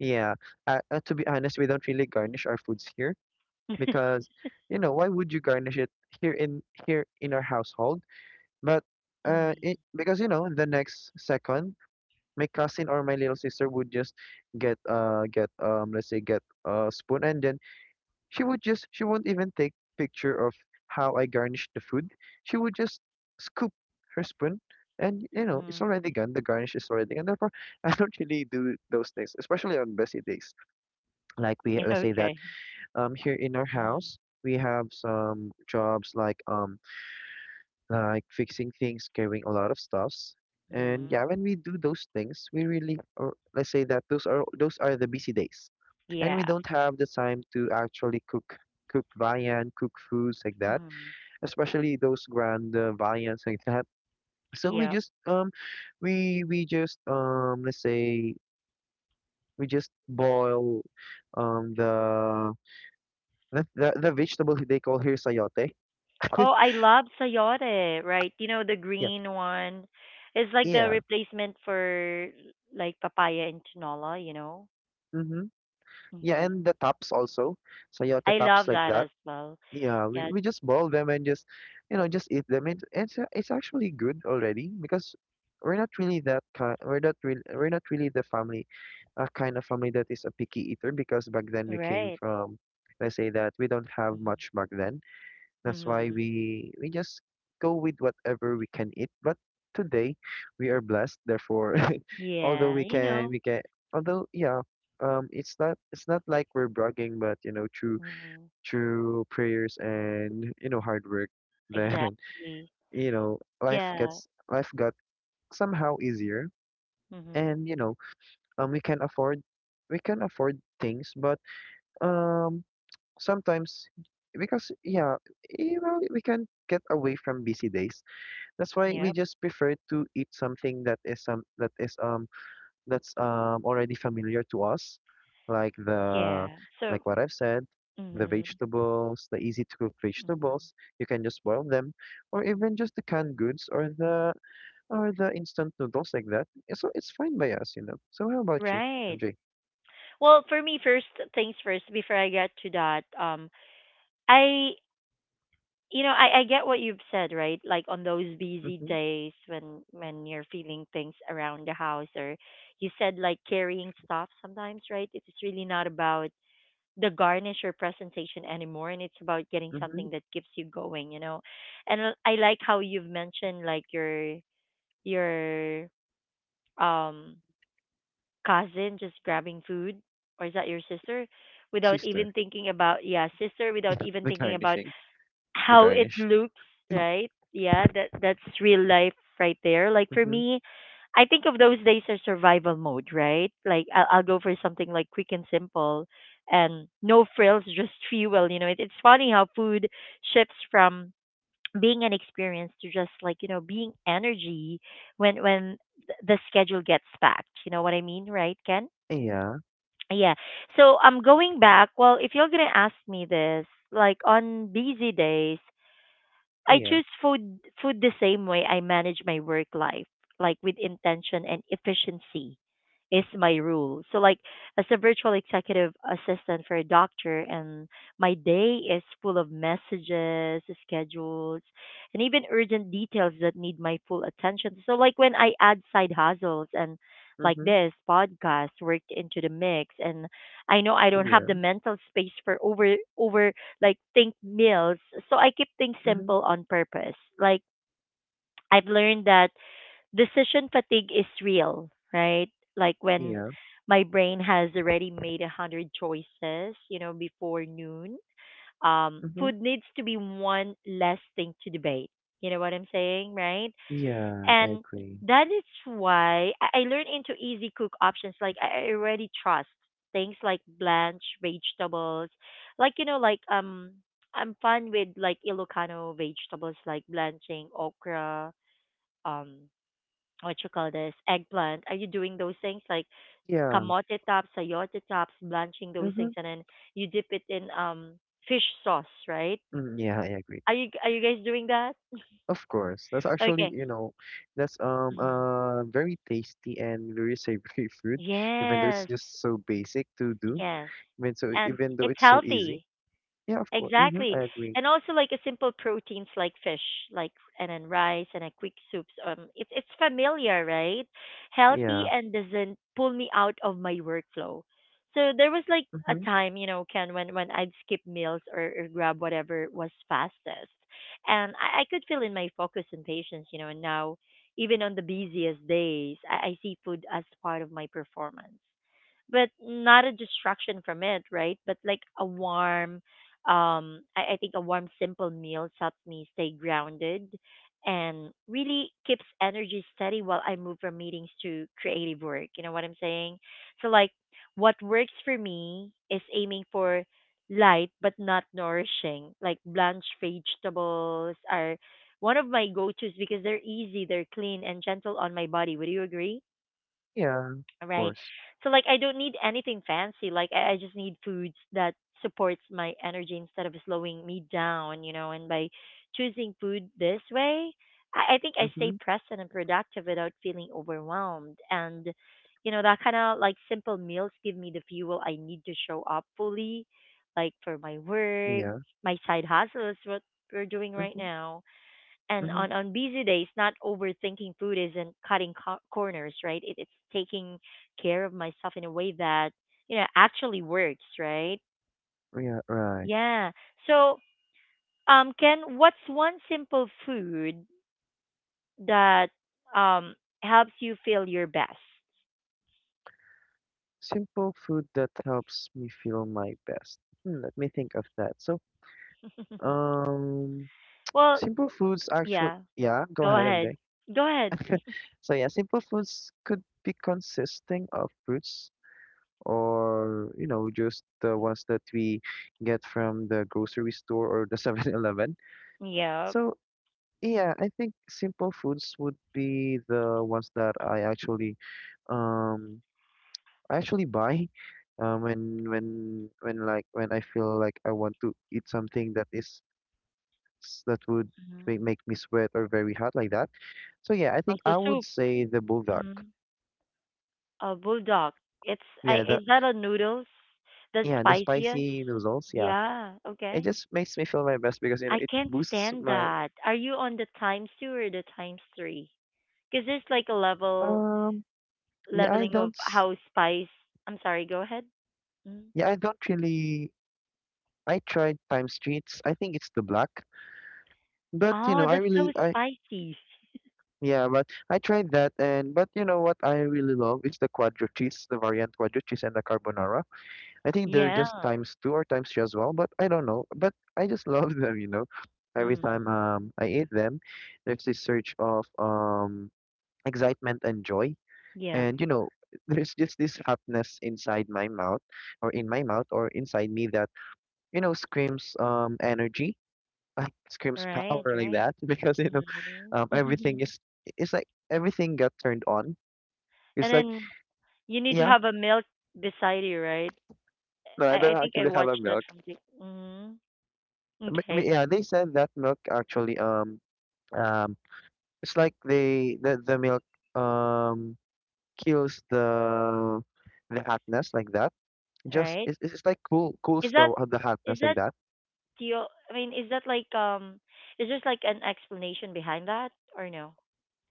yeah. Uh, uh, to be honest, we don't really garnish our foods here because, you know, why would you garnish it here in here in our household? But uh,
Mm.
it, because you know, the next second, my cousin or my little sister would just get uh get um let's say get a spoon and then She would just she won't even take picture of how I garnish the food. She would just scoop her spoon and, you know,
Mm.
it's already gone. The garnish is already gone. Therefore, I don't really do those things, especially on busy days. Like we let's say
Okay.
that um here in our
Mm-hmm.
house we have some jobs like um like fixing things, carrying a lot of stuffs. And
Mm-hmm.
yeah, when we do those things, we really, or let's say that those are those are the busy days, and we
Yeah.
don't have the time to actually cook cook viand, cook foods like that,
Mm-hmm.
especially those grand uh, viands like that. So we
Yep.
just um we we just um let's say we just boil um the the the, the vegetable they call here sayote.
Oh, I love sayote, right? You know, the
Yeah,
green one. It's like the
yeah.
replacement for like papaya and tinola, you know?
Mhm. Yeah,
Mm-hmm.
and the tops also, sayote
I
tops
love
like
that
that.
as well.
Yeah, we,
Yeah,
we
it's-
just boil them and just, you know, just eat them. It, it's a- it's actually good already because we're not really that kind. We're not really we're not really the family, a kind of family that is a picky eater because back then we came
right.
from, let's say that we don't have
Mm-hmm.
much back then. That's why
Mm-hmm.
we we just go with whatever we can eat. But today we are blessed. Therefore, although
Yeah,
we
you
can
know.
we can although yeah, um, it's not it's not like we're bragging, but, you know, through
Mm-hmm.
through prayers and, you know, hard work, then
Exactly.
you know life
Yeah.
gets life got somehow easier,
Mm-hmm.
and, you know, um we can afford we can afford things, but um sometimes, because yeah, eh, well we can get away from busy days. That's why we
Yep.
just prefer to eat something that is um that is um that's um already familiar to us, like the
Yeah. So,
like what I've said, the
mm-hmm.
vegetables, the easy to cook
Mm-hmm.
vegetables. You can just boil them, or even just the canned goods or the or the instant noodles like that. eh, So it's fine by us, you know. So how about you,
Right.
M J?
Well, for me, first things first, before I get to that, um, I, you know, I, I get what you've said, right? Like on those busy
Mm-hmm.
days when when you're feeling things around the house, or you said like carrying stuff sometimes, right? It's really not about the garnish or presentation anymore, and it's about getting
Mm-hmm.
something that keeps you going, you know. And I I like how you've mentioned like your your um cousin just grabbing food, or is that your sister, without even
Sister,
thinking about, yeah, sister, without even
the
thinking about
garnishing, the
how it
garnish.
looks, right? Yeah, that that's real life right there. Like for
Mm-hmm.
me, I think of those days as survival mode, right? Like i'll, I'll go for something like quick and simple and no frills, just fuel. You know, it, it's funny how food shifts from being an experience to just, like, you know, being energy when when th- the schedule gets packed. You know what I mean, right, Ken?
Yeah.
Yeah, so I'm going back. Well, if you're going to ask me this, like, on busy days I
Yeah.
choose food food the same way I manage my work life, like with intention and efficiency is my rule. So like, as a virtual executive assistant for a doctor, and my day is full of messages, schedules, and even urgent details that need my full attention. So like when I add side hustles and like
Mm-hmm.
this podcast worked into the mix, and I know I don't have
Yeah.
the mental space for over over like think meals. So I keep things
Mm-hmm.
simple on purpose. Like I've learned that decision fatigue is real, right? Like when
Yeah.
my brain has already made a hundred choices, you know, before noon. Um,
Mm-hmm.
food needs to be one less thing to debate. You know what I'm saying, right?
Yeah, I
And
agree.
that is why I, I learn into easy cook options. Like I I already trust things like blanched vegetables, like, you know, like, um, I'm fun with like Ilocano vegetables, like blanching okra, um, what you call this, eggplant. Are you doing those things like
Yeah.
kamote tops, sayote tops, blanching those things,
Mm-hmm.
and then you dip it in um fish sauce, right?
Mm, yeah, I agree.
Are you, are you guys doing that?
Of course. That's actually,
Okay.
you know, that's um
Mhm.
uh very tasty and very savory food, even though it's
Yes.
just so basic to do.
Yes.
Even so,
And
even though
it's
it's so easy.
healthy.
Yeah, of course. Mm-hmm.
Exactly.
I agree.
And also like a simple proteins like fish, like, and then rice and a quick soups. Um it's it's familiar, right? Healthy
Yeah.
and doesn't pull me out of my workflow. So there was like a
Mm-hmm.
time, you know, Ken, when, when I'd skip meals, or, or grab whatever was fastest. And I, I could feel in my focus and patience, you know, and now even on the busiest days, I, I see food as part of my performance but not a distraction from it, right? But like a warm, um, I, I think a warm, simple meal helps me stay grounded and really keeps energy steady while I move from meetings to creative work. You know what I'm saying? So, like, what works for me is aiming for light but not nourishing. Like, blanched vegetables are one of my go tos because they're easy, they're clean, and gentle on my body. Would you agree?
Yeah, of
Right.
course.
So like I don't need anything fancy. Like I, I just need foods that supports my energy instead of slowing me down, you know, and by choosing food this way, I, I think I stay
Mm-hmm.
present and productive without feeling overwhelmed. And you know, that kind of like simple meals give me the fuel I need to show up fully, like for my work,
Yeah.
my side hustles, what we're doing right
Mm-hmm.
now, and
Mm-hmm.
on on busy days not overthinking food isn't cutting co- corners, right? It, it's taking care of myself in a way that you know actually works, right?
Yeah, right.
Yeah. So um Ken, what's one simple food that um helps you feel your best?
Simple food that helps me feel my best. Hmm, let me think of that. So, um.
Well,
Simple foods actually,
yeah,
yeah, go
go
ahead,
ahead.
M J.
Go ahead.
So yeah, simple foods could be consisting of fruits or, you know, just the ones that we get from the grocery store or the Seven Eleven.
Yeah.
So yeah, I think simple foods would be the ones that I actually um I actually buy um when when when like when I feel like I want to eat something that is that would
Hmm.
make, make me sweat or very hot like that. So yeah, I think
Also
I would
soup.
say the buldak.
Mhm. Uh, bulldog. It's I.
Yeah, the
Is that a noodles? The
yeah, the
spiciest.
spicy noodles, yeah.
Yeah.
It
Okay.
just makes me feel my best because you know
I
it
can't
boosts
stand
my
that. Are you on the times two or the times three? Because there's like a level
um yeah, I
leveling of
don't s-
how spice. I'm sorry. Go ahead. Mm.
yeah, I don't really I tried Time Streets. I think it's the black. But you
Oh,
know, I
that's so
really I
spicy.
yeah, but I tried that, and but you know what I really love is the quadro cheese, the variant quadro cheese and the carbonara. I think they're
Yeah.
just times two or times three as well, but I don't know. But I just love them, you know. Every
Mm.
time um I eat them, there's this surge of um excitement and joy,
Yeah.
and you know, there's just this hotness inside my mouth, or in my mouth, or inside me that you know screams um energy, uh, screams
Right.
power like
Right.
that because you know, um
Hmm.
everything is it's like everything got turned on.
And
It's like
then you need to
yeah,
have a milk beside you, right?
no,
I,
I
I
don't
think I
actually have a
watched that
milk.
from the. Hmm.
But, but
Okay.
yeah, they said that milk actually um Um, it's like they the the milk um kills the the hotness like that.
All
Just
right.
it's it's it's like cool cools
Is
the
that
the hotness
is
like
that
that.
do you, I mean, is that like um is there like an explanation behind that or no?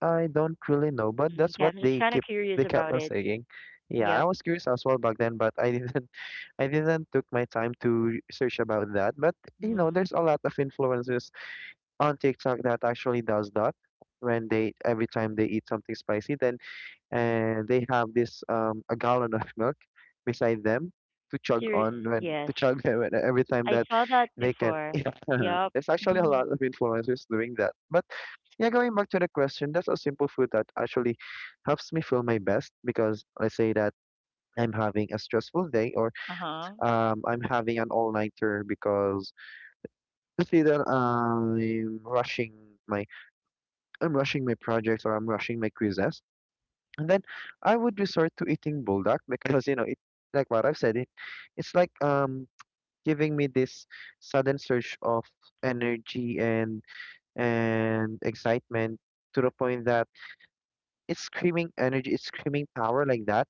I don't really know, but
Mhm.
that's
Okay,
what
I'm just
they
kind of
keep
curious
they kept
about
on
it.
saying. Yeah, I
Yep.
was curious as well back then, but I didn't I didn't took my time to search about that. But you know,
Hmm.
there's a lot of influencers on TikTok that actually does that when they every time they eat something spicy, then and they have this um a gallon of milk beside them to chug
Ser-
on when
yes.
to chug them when- every time
I
that
saw that
they can.
before.
Yeah,
Yep.
there's actually a
Mhm.
lot of influencers doing that. But yeah, going back to the question, that's a simple food that actually helps me feel my best because I say that I'm having a stressful day or
Uh-huh.
um, I'm having an all-nighter because let's that I'm rushing my I'm rushing my projects or I'm rushing my quizzes. And then I would resort to eating buldak because, you know, it like what I've said, it it's like um giving me this sudden surge of energy and and excitement to the point that it's screaming energy, it's screaming power like that.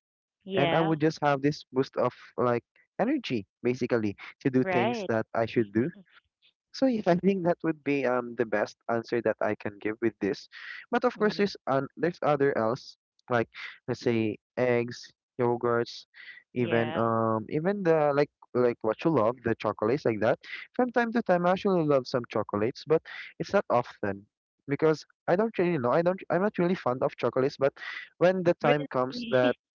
And I
Yeah.
would just have this boost of like energy basically to do things
Right.
that I should do. So yes, I think that would be um the best answer that I can give with this. But of course,
Hmm.
there's un there's other else like let's say eggs, yogurts, even
Yeah.
um even the like like what you love, the chocolates like that. From time to time, I actually love some chocolates, but it's not often because I don't really know. I don't. I'm not really fond of chocolates. But when the time comes
Really?
that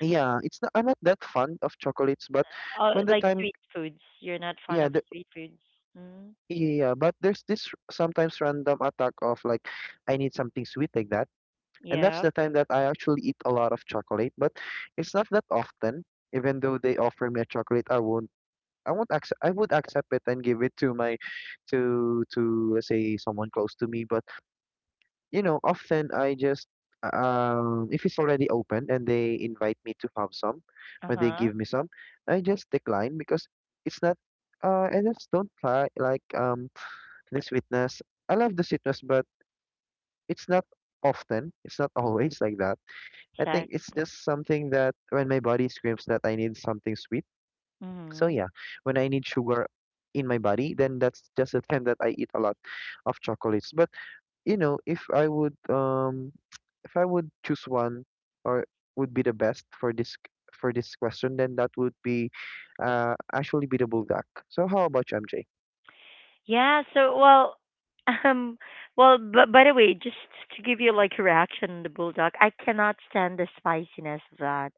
yeah, it's not. I'm not that fond of chocolates. But
Oh,
when the
like
time
street foods. You're not fond
yeah,
of
the
street foods. Mm-hmm.
yeah, but there's this r- sometimes random attack of like, I need something sweet like that. And that's
Yep.
the time that I actually eat a lot of chocolate, but it's not that often. Even though they offer me a chocolate, I won't I won't accept I would accept it and give it to my to to let's say someone close to me. But you know, often I just um if it's already open and they invite me to have some or they
Uh-huh.
give me some, I just decline because it's not uh I just don't like like um the sweetness. I love the citrus, but it's not often. It's not always like that. I
Check.
think it's just something that when my body screams that I need something sweet. So
Mm-hmm.
yeah, when I need sugar in my body, then that's just the time that I eat a lot of chocolates. But you know, if I would um if I would choose one or would be the best for this for this question, then that would be uh actually be the bulldog. So how about you, M J?
Yeah, so well, um, well, but by the way, just to give you like a reaction on the bulldog, I cannot stand the spiciness of that.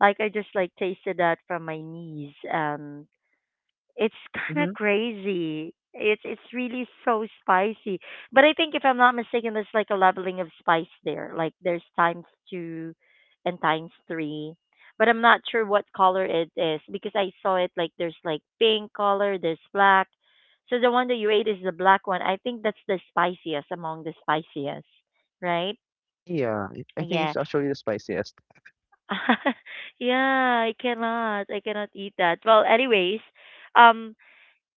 Like I just like tasted that from my niece, and it's kind
Mm-hmm.
of crazy. It's it's really so spicy. But I think if I'm not mistaken, there's like a leveling of spice there. Like there's times two and times three. But I'm not sure what color it is because I saw it like there's like pink color, there's black. So the one that you ate is the black one. I think that's the spiciest among the spiciest, right?
Yeah, I I think
Yeah.
it's actually the spiciest.
Yeah, I cannot. I cannot eat that. Well, anyways, um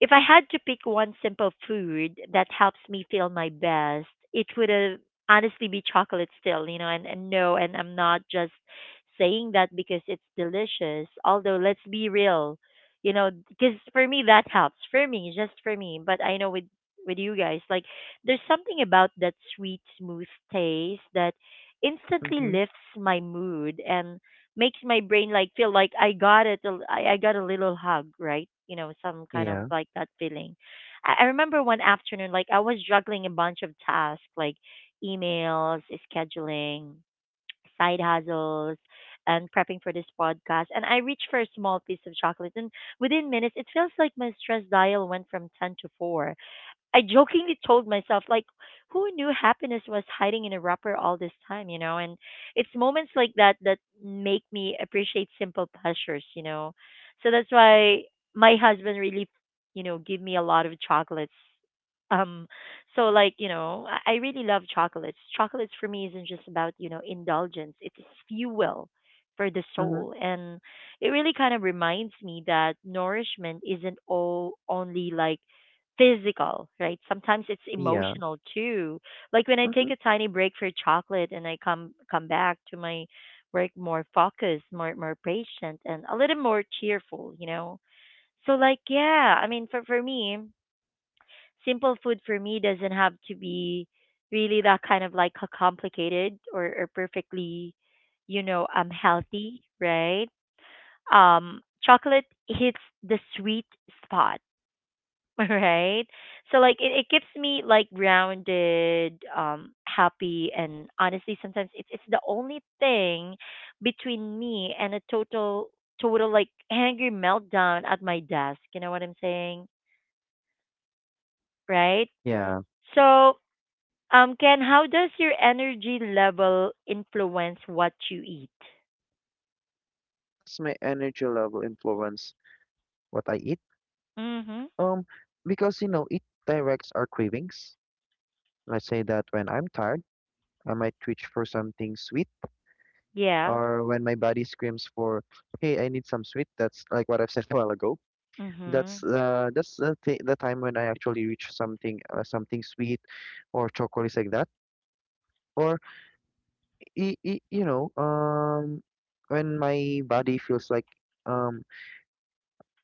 if I had to pick one simple food that helps me feel my best, it would have honestly be chocolate still, you know, and, and no, and I'm not just saying that because it's delicious. Although let's be real, you know, because for me that helps. For me, just for me. But I know with with you guys, like there's something about that sweet, smooth taste that instantly
Mm-hmm.
lifts my mood and makes my brain like feel like I got it. a- I, I got a little hug, right? You know, some kind of
Yeah.
like that feeling. I, I remember one afternoon, like I was juggling a bunch of tasks, like emails, scheduling, side hustles, and prepping for this podcast. And I reached for a small piece of chocolate, and within minutes, it feels like my stress dial went from ten to four. I jokingly told myself, like, who knew happiness was hiding in a wrapper all this time, you know? And it's moments like that that make me appreciate simple pleasures, you know? So that's why my husband really, you know, give me a lot of chocolates. Um, so like, you know, I, I really love chocolates. Chocolates for me isn't just about, you know, indulgence. It's fuel for the
Mm-hmm.
soul. And it really kind of reminds me that nourishment isn't all only like physical, right? Sometimes it's
Yeah.
emotional too. Like when I
Mm-hmm.
take a tiny break for chocolate and I come come back to my work more focused, more more patient and a little more cheerful, you know. So like yeah, I mean for for me, simple food for me doesn't have to be really that kind of like a complicated or, or perfectly, you know, um healthy, right? Um chocolate hits the sweet spot. Right. So like it, it keeps me like grounded, um happy, and honestly sometimes it's it's the only thing between me and a total total like angry meltdown at my desk, you know what I'm saying? Right.
Yeah.
So um Ken, how does your energy level influence what you eat?
Does my energy level influence what I eat?
Mhm.
Um, because you know, it directs our cravings. Let's say that when I'm tired, I might reach for something sweet,
Yeah.
or when my body screams for, "Hey, I need some sweet." That's like what I've said a while ago. That's
Mhm.
uh, that's the th the time when I actually reach something uh, something sweet, or chocolates like that. Or I I you know, um, when my body feels like um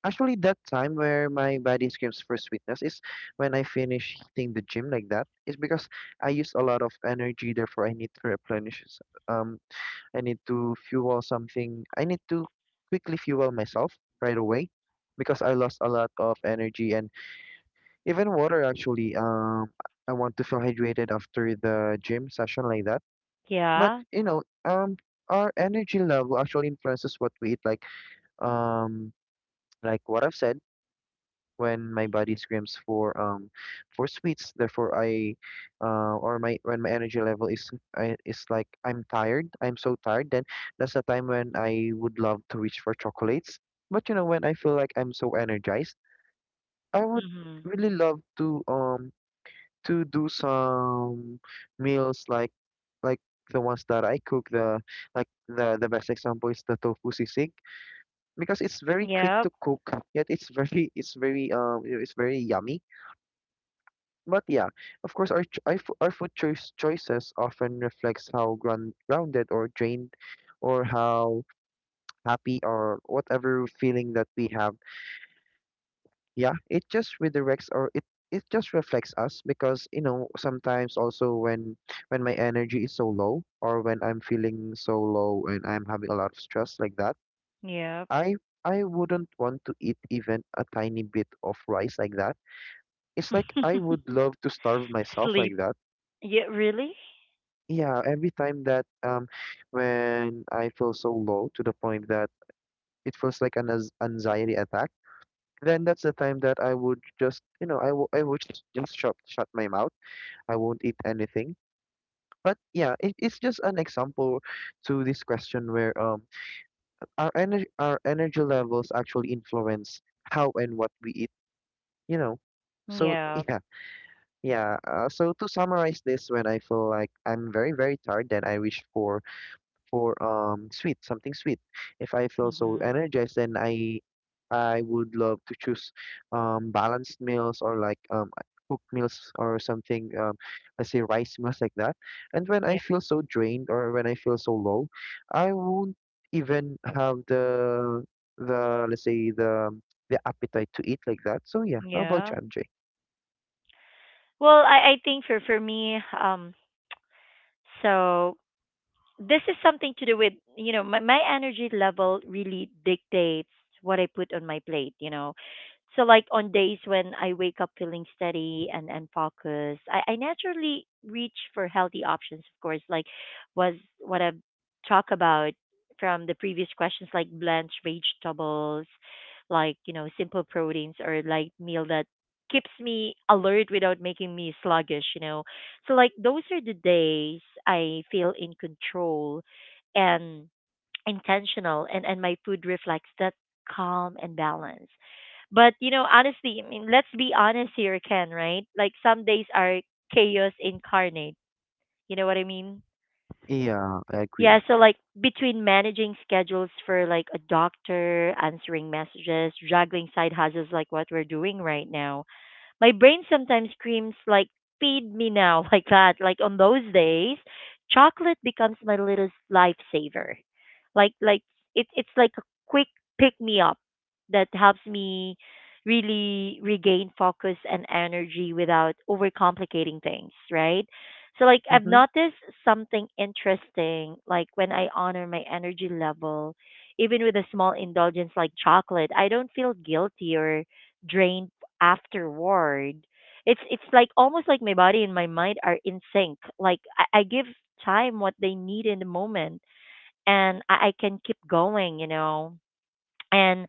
actually, that time where my body screams for sweetness is when I finish hitting the gym like that. It's because I use a lot of energy, therefore I need to replenish. s- Um, I need to fuel something. I need to quickly fuel myself right away because I lost a lot of energy and even water actually. Um, I want to feel hydrated after the gym session like that. But
Yeah.
you know, um, our energy level actually influences what we eat. Like, um, like what I've said when my body screams for um for sweets. Therefore, I uh or my when my energy level is I is like I'm tired. I'm so tired. Then that's the time when I would love to reach for chocolates. But you know, when I feel like I'm so energized, I would
Mhm.
really love to um to do some meals like like the ones that I cook. The like the the best example is the tofu sisig because it's very quick
Yep.
to cook, yet it's very it's very um you know, it's very yummy. But yeah, of course, our ch- our fo- our food choice choices often reflects how ground, grounded or drained, or how happy or whatever feeling that we have. Yeah, it just redirects or it it just reflects us because you know sometimes also when when my energy is so low or when I'm feeling so low and I'm having a lot of stress like that,
Yep.
I I wouldn't want to eat even a tiny bit of rice like that. It's like I would love to starve myself like
Sleep.
that.
Yeah, really.
Yeah, every time that um when I feel so low to the point that it feels like an ans- anxiety attack, then that's the time that I would just, you know, I will I would just just shut shut my mouth. I won't eat anything. But yeah, it, it's just an example to this question where um our energy our energy levels actually influence how and what we eat, you know. So
Yeah.
yeah, yeah. Uh, so to summarize this, when I feel like I'm very, very tired, then I wish for for um sweet, something sweet. If I feel so
Mm-hmm.
energized, then I I would love to choose um balanced meals or like um cooked meals or something um let's say rice meals like that. And when I
Yeah.
feel so drained or when I feel so low, I won't even have the the let's say the the appetite to eat like that. So yeah, how about
Yeah.
you, M J?
Well, I I think for for me, um, so this is something to do with, you know, my, my energy level really dictates what I put on my plate, you know. So like on days when I wake up feeling steady and and focused, i, I naturally reach for healthy options, of course, like was what I've talked about from the previous questions, like blanched vegetables, like, you know, simple proteins or like meal that keeps me alert without making me sluggish, you know. So like those are the days I feel in control and intentional, and and my food reflects that calm and balance. But you know, honestly, I mean, let's be honest here, Ken, right? Like some days are chaos incarnate. You know what I mean?
Yeah, I
Yeah,
agree.
so like between managing schedules for like a doctor, answering messages, juggling side hustles like what we're doing right now, my brain sometimes screams like feed me now like that. Like on those days, chocolate becomes my little lifesaver. Like like it it's like a quick pick me up that helps me really regain focus and energy without overcomplicating things, right? So like I've
Mm-hmm.
noticed something interesting, like when I honor my energy level even with a small indulgence like chocolate, I don't feel guilty or drained afterward. It's it's like almost like my body and my mind are in sync. Like i, I give time what they need in the moment, and I, I can keep going, you know. And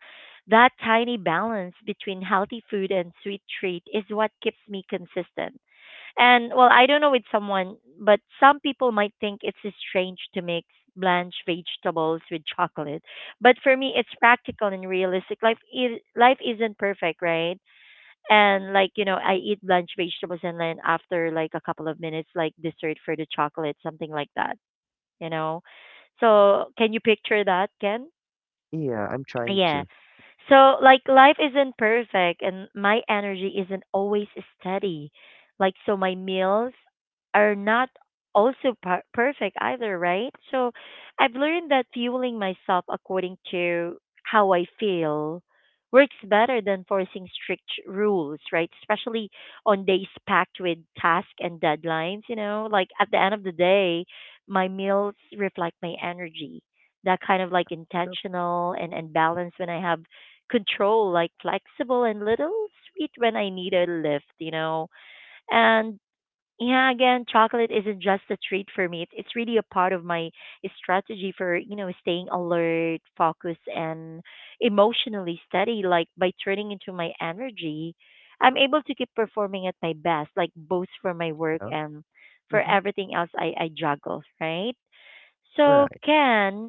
that tiny balance between healthy food and sweet treat is what keeps me consistent, and well, I don't know with someone, but some people might think it's strange to mix blanched vegetables with chocolate, but for me it's practical and realistic. Life is life isn't perfect, right? And like, you know, I eat blanched vegetables and then after like a couple of minutes like dessert for the chocolate, something like that, you know. So can you picture that, Ken?
Yeah, I'm trying
Yeah,
to.
so like life isn't perfect and my energy isn't always steady. Like so my meals are not also per- perfect either, right? So I've learned that fueling myself according to how I feel works better than forcing strict rules, right? Especially on days packed with tasks and deadlines, you know? Like at the end of the day, my meals reflect my energy, that kind of like intentional and, and balance when I have control, like flexible and little sweet when I need a lift, you know. And yeah, again, chocolate isn't just a treat for me. It's, it's really a part of my strategy for, you know, staying alert, focused, and emotionally steady. Like by turning into my energy, I'm able to keep performing at my best, like both for my work
Yeah.
and for
Mm-hmm.
everything else I, I juggle, right?
All
So,
right.
Ken,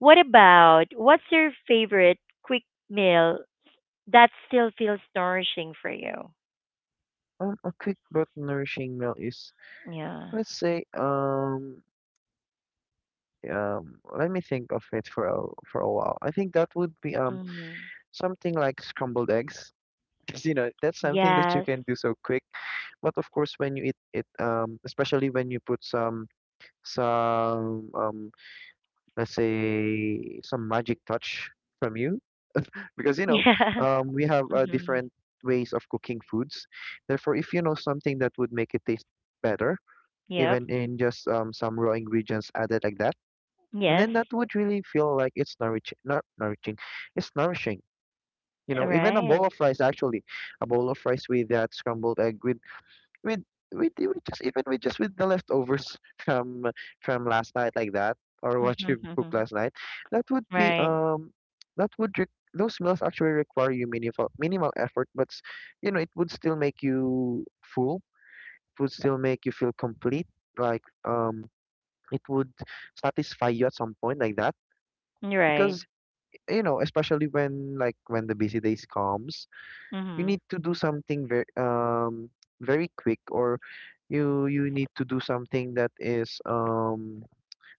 what about what's your favorite quick meal that still feels nourishing for you.
Um, a quick but nourishing meal is,
Yeah.
let's say, um, um, let me think of it for a, for a while. I think that would be um
Hmm.
something like scrambled eggs, because you know that's something that you
Yes.
can do so quick. But of course, when you eat it, um, especially when you put some some um, let's say some magic touch from you, because you know,
Yeah.
um, we have uh,
Hmm.
different ways of cooking foods. Therefore, if you know something that would make it taste better
Yep.
even in just um, some raw ingredients added like that, and
Yes.
then that would really feel like it's nourishing, not nourishing, it's nourishing. You
Uh,
know, even a
right.
bowl of rice actually, a bowl of rice with that scrambled egg with with with, with just even with just with the leftovers from from last night like that or what you
Mm-hmm.
cooked last night, that would be
Right.
um that would re- those meals actually require you minimal minimal effort, but s- you know it would still make you full. It would still make you feel complete like um it would satisfy you at some point like that
Right.
because eh, you know especially when like when the busy days comes you
Hmm.
need to do something very um very quick or you you need to do something that is um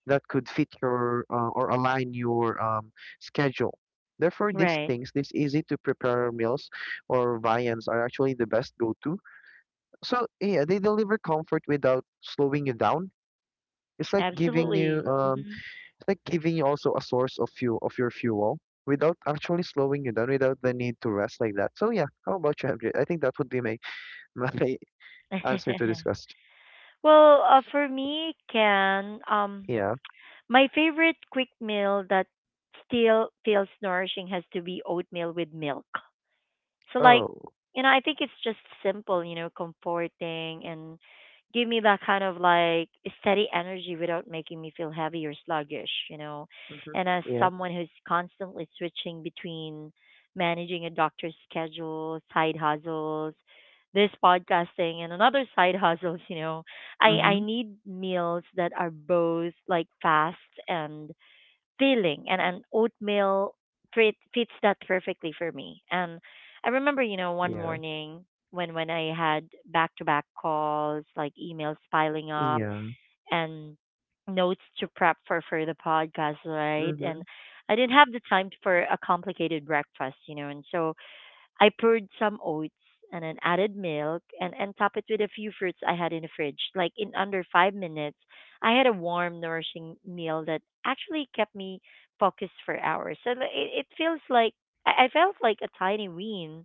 that could fit your uh, or align your um schedule, therefore these
Right.
things, these easy to prepare meals or viands are actually the best go-to. So yeah, they deliver comfort without slowing you down. It's like giving you
Absolutely.
um
Hmm.
it's like giving you also a source of fuel of your fuel without actually slowing you down, without the need to rest like that. So yeah, how about you, M J? I think that would be my my answer to this question.
Well, uh, for me, can um,
Yeah.
my favorite quick meal that still feels nourishing has to be oatmeal with milk. So like,
Oh.
you know, I think it's just simple, you know, comforting, and give me that kind of like steady energy without making me feel heavy or sluggish, you know.
Mm-hmm.
And as
Yeah.
someone who's constantly switching between managing a doctor's schedule, side hustles, this podcasting and another side hustles, you know, I I
Mm-hmm.
need meals that are both like fast and feeling, and an oatmeal fit, fits that perfectly for me. And I remember, you know, one
Yeah.
morning when when I had back-to-back calls, like emails piling up
Yeah.
and notes to prep for for the podcast, right?
Mm-hmm.
And I didn't have the time for a complicated breakfast, you know. And so I poured some oats and then added milk and, and top it with a few fruits I had in the fridge. Like in under five minutes, I had a warm, nourishing meal that actually kept me focused for hours. So like, it, it feels like I I felt like a tiny win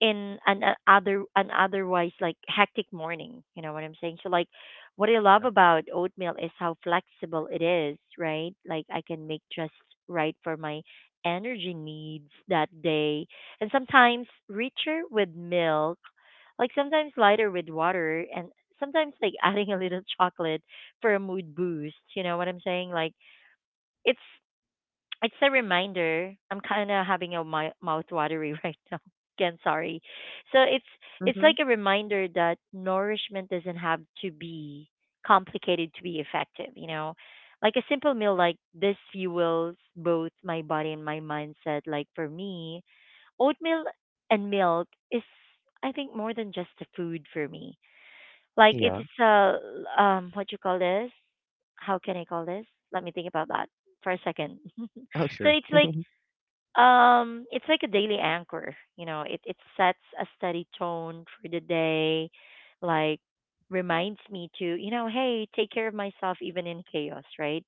in an a- other an otherwise like hectic morning. You know what I'm saying? So like what I love about oatmeal is how flexible it is, right? Like I can make just right for my energy needs that day. And sometimes richer with milk, like sometimes lighter with water, and sometimes like adding a little chocolate for a mood boost. You know what I'm saying? Like it's it's a reminder. I'm kind of having a mi- mouth watery right now. Again, sorry. So it's it's
Mm-hmm.
like a reminder that nourishment doesn't have to be complicated to be effective. You know, like a simple meal like this fuels both my body and my mindset. Like for me, oatmeal and milk is I think more than just a food for me. Like it's
Yeah.
it's a um what you call this? How can I call this? Let me think about that for a second.
Oh
So
sure.
it's like um, it's like a daily anchor, you know, it, it sets a steady tone for the day, like reminds me to, you know, hey, take care of myself even in chaos, right?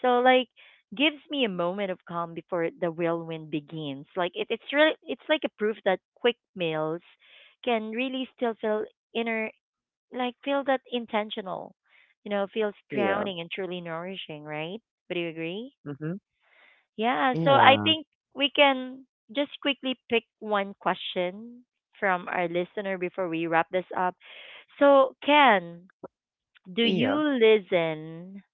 So like gives me a moment of calm before the whirlwind begins. Like it, it's really it's like a proof that quick meals can really still feel inner like feel that intentional, you know, feels
Yeah.
grounding and truly nourishing, right? Would you agree?
Mm-hmm.
Yeah, so I
Yeah.
think we can just quickly pick one question from our listener before we wrap this up. So, Ken, do you
Yeah.
listen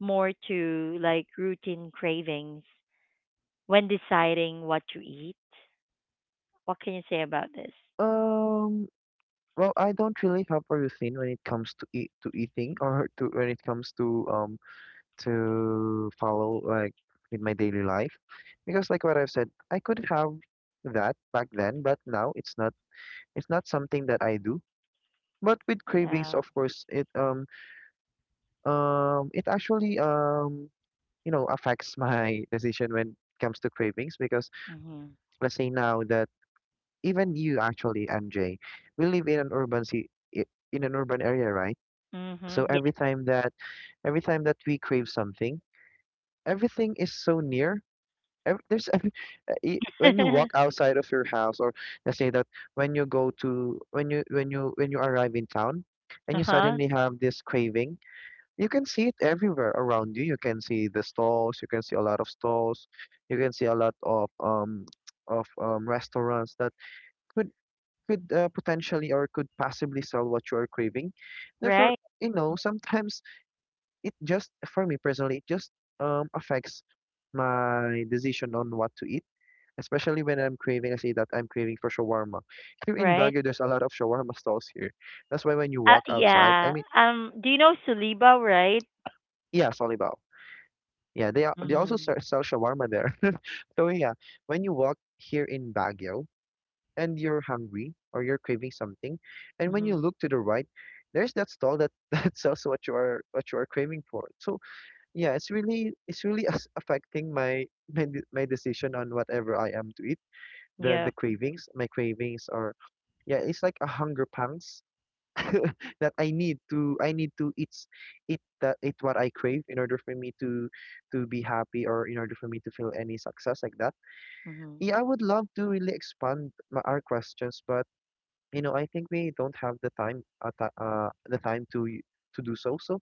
more to like routine cravings when deciding what to eat? What can you say about this?
Um. Well, I don't really have a routine when it comes to eat to eating or to when it comes to um to follow like with my daily life because like what I've said I could have that back then but now it's not it's not something that I do, but with cravings
Yeah.
of course it um um it actually um you know affects my decision when it comes to cravings because
Mhm.
let's say now that even you actually M J, we live in an urban ci- i- in an urban area, right? So
Mhm. Yeah.
every time that every time that we crave something, everything is so near. Ev- there's i- when you walk outside of your house, or let's say that when you go to when you when you when you arrive in town and you
Uh-huh.
suddenly have this craving, you can see it everywhere around you. You can see the stalls, you can see a lot of stalls, you can see a lot of um of um restaurants that could could uh, potentially or could possibly sell what you are craving. Therefore,
Right.
you know, sometimes it just for me personally it just um affects my decision on what to eat, especially when I'm craving. I say that I'm craving for shawarma. Here in
Right.
Baguio, there's a lot of shawarma stalls here. That's why when you
Uh,
walk outside, I
yeah.
mean,
Um do you know Suliba, right?
yeah, Solibao. Yeah, they are, they also
Mhm.
sell, sell shawarma there. So yeah, when you walk here in Baguio and you're hungry or you're craving something, and when you
Mhm.
look to the right, there's that stall that that sells what you are what you are craving for. So yeah, it's really it's really as- affecting my my de- my decision on whatever I am to eat. The the
Yep.
cravings, my cravings are, yeah, it's like a hunger pangs that I need to I need to eat eat the eat what I crave in order for me to to be happy or in order for me to feel any success like that.
Mhm.
Yeah, I would love to really expand my, our questions, but you know, I think we don't have the time uh, ti- uh the time to y- to do so. So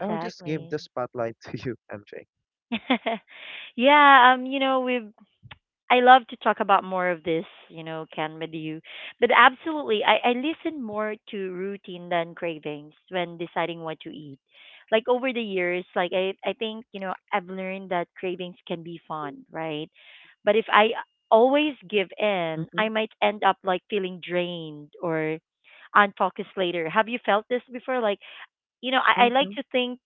I'll just give the spotlight to you, M J.
Yeah, um, you know, we've I love to talk about more of this, you know, can with you. But absolutely I, I listen more to routine than cravings when deciding what to eat. Like over the years, like I, I think, you know, I've learned that cravings can be fun, right? But if I always give in,
Mm-hmm,
I might end up like feeling drained or unfocused later. Have you felt this before? Like, you know, I, I like
mm-hmm,
to think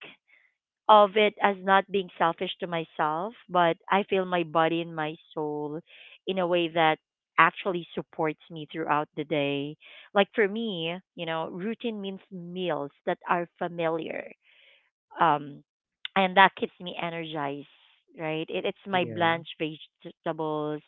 of it as not being selfish to myself, but I feel my body and my soul in a way that actually supports me throughout the day. Like for me, you know, routine means meals that are familiar um and that keeps me energized, right? It, it's my
yeah,
blanched vegetables,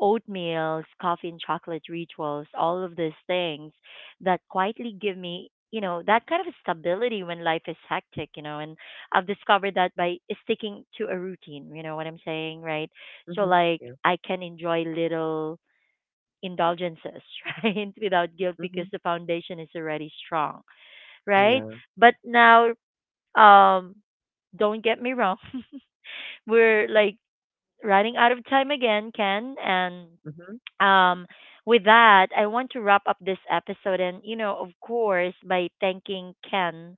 oatmeals, coffee, and chocolate rituals, all of these things that quietly give me, you know, that kind of stability when life is hectic, you know. And I've discovered that by sticking to a routine, you know what I'm saying, right? So
mm-hmm,
like
yeah,
I can enjoy little indulgences right without guilt
mm-hmm,
because the foundation is already strong, right?
yeah,
But now, um, don't get me wrong. We're like running out of time again, Ken. And
mm-hmm.
um, with that, I want to wrap up this episode and, you know, of course, by thanking Ken.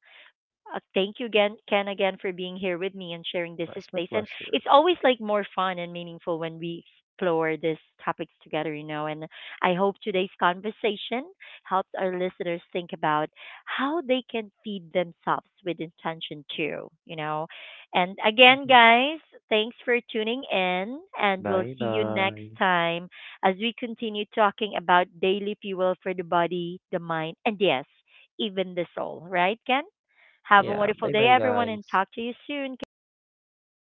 Uh, thank you again, Ken, again for being here with me and sharing this
It's my
space. And
pleasure.
it's always like more fun and meaningful when we explore these topics together, you know. And I hope today's conversation helps our listeners think about how they can feed themselves with intention too, you know. And again,
Mm-hmm.
guys, thanks for tuning in, and we'll
Bye
see you next
bye.
time as we continue talking about daily fuel for the body, the mind, and yes, even the soul. Right, Ken? Have a
Yeah,
wonderful day,
bye-bye,
everyone, and
guys.
talk to you soon, Ken.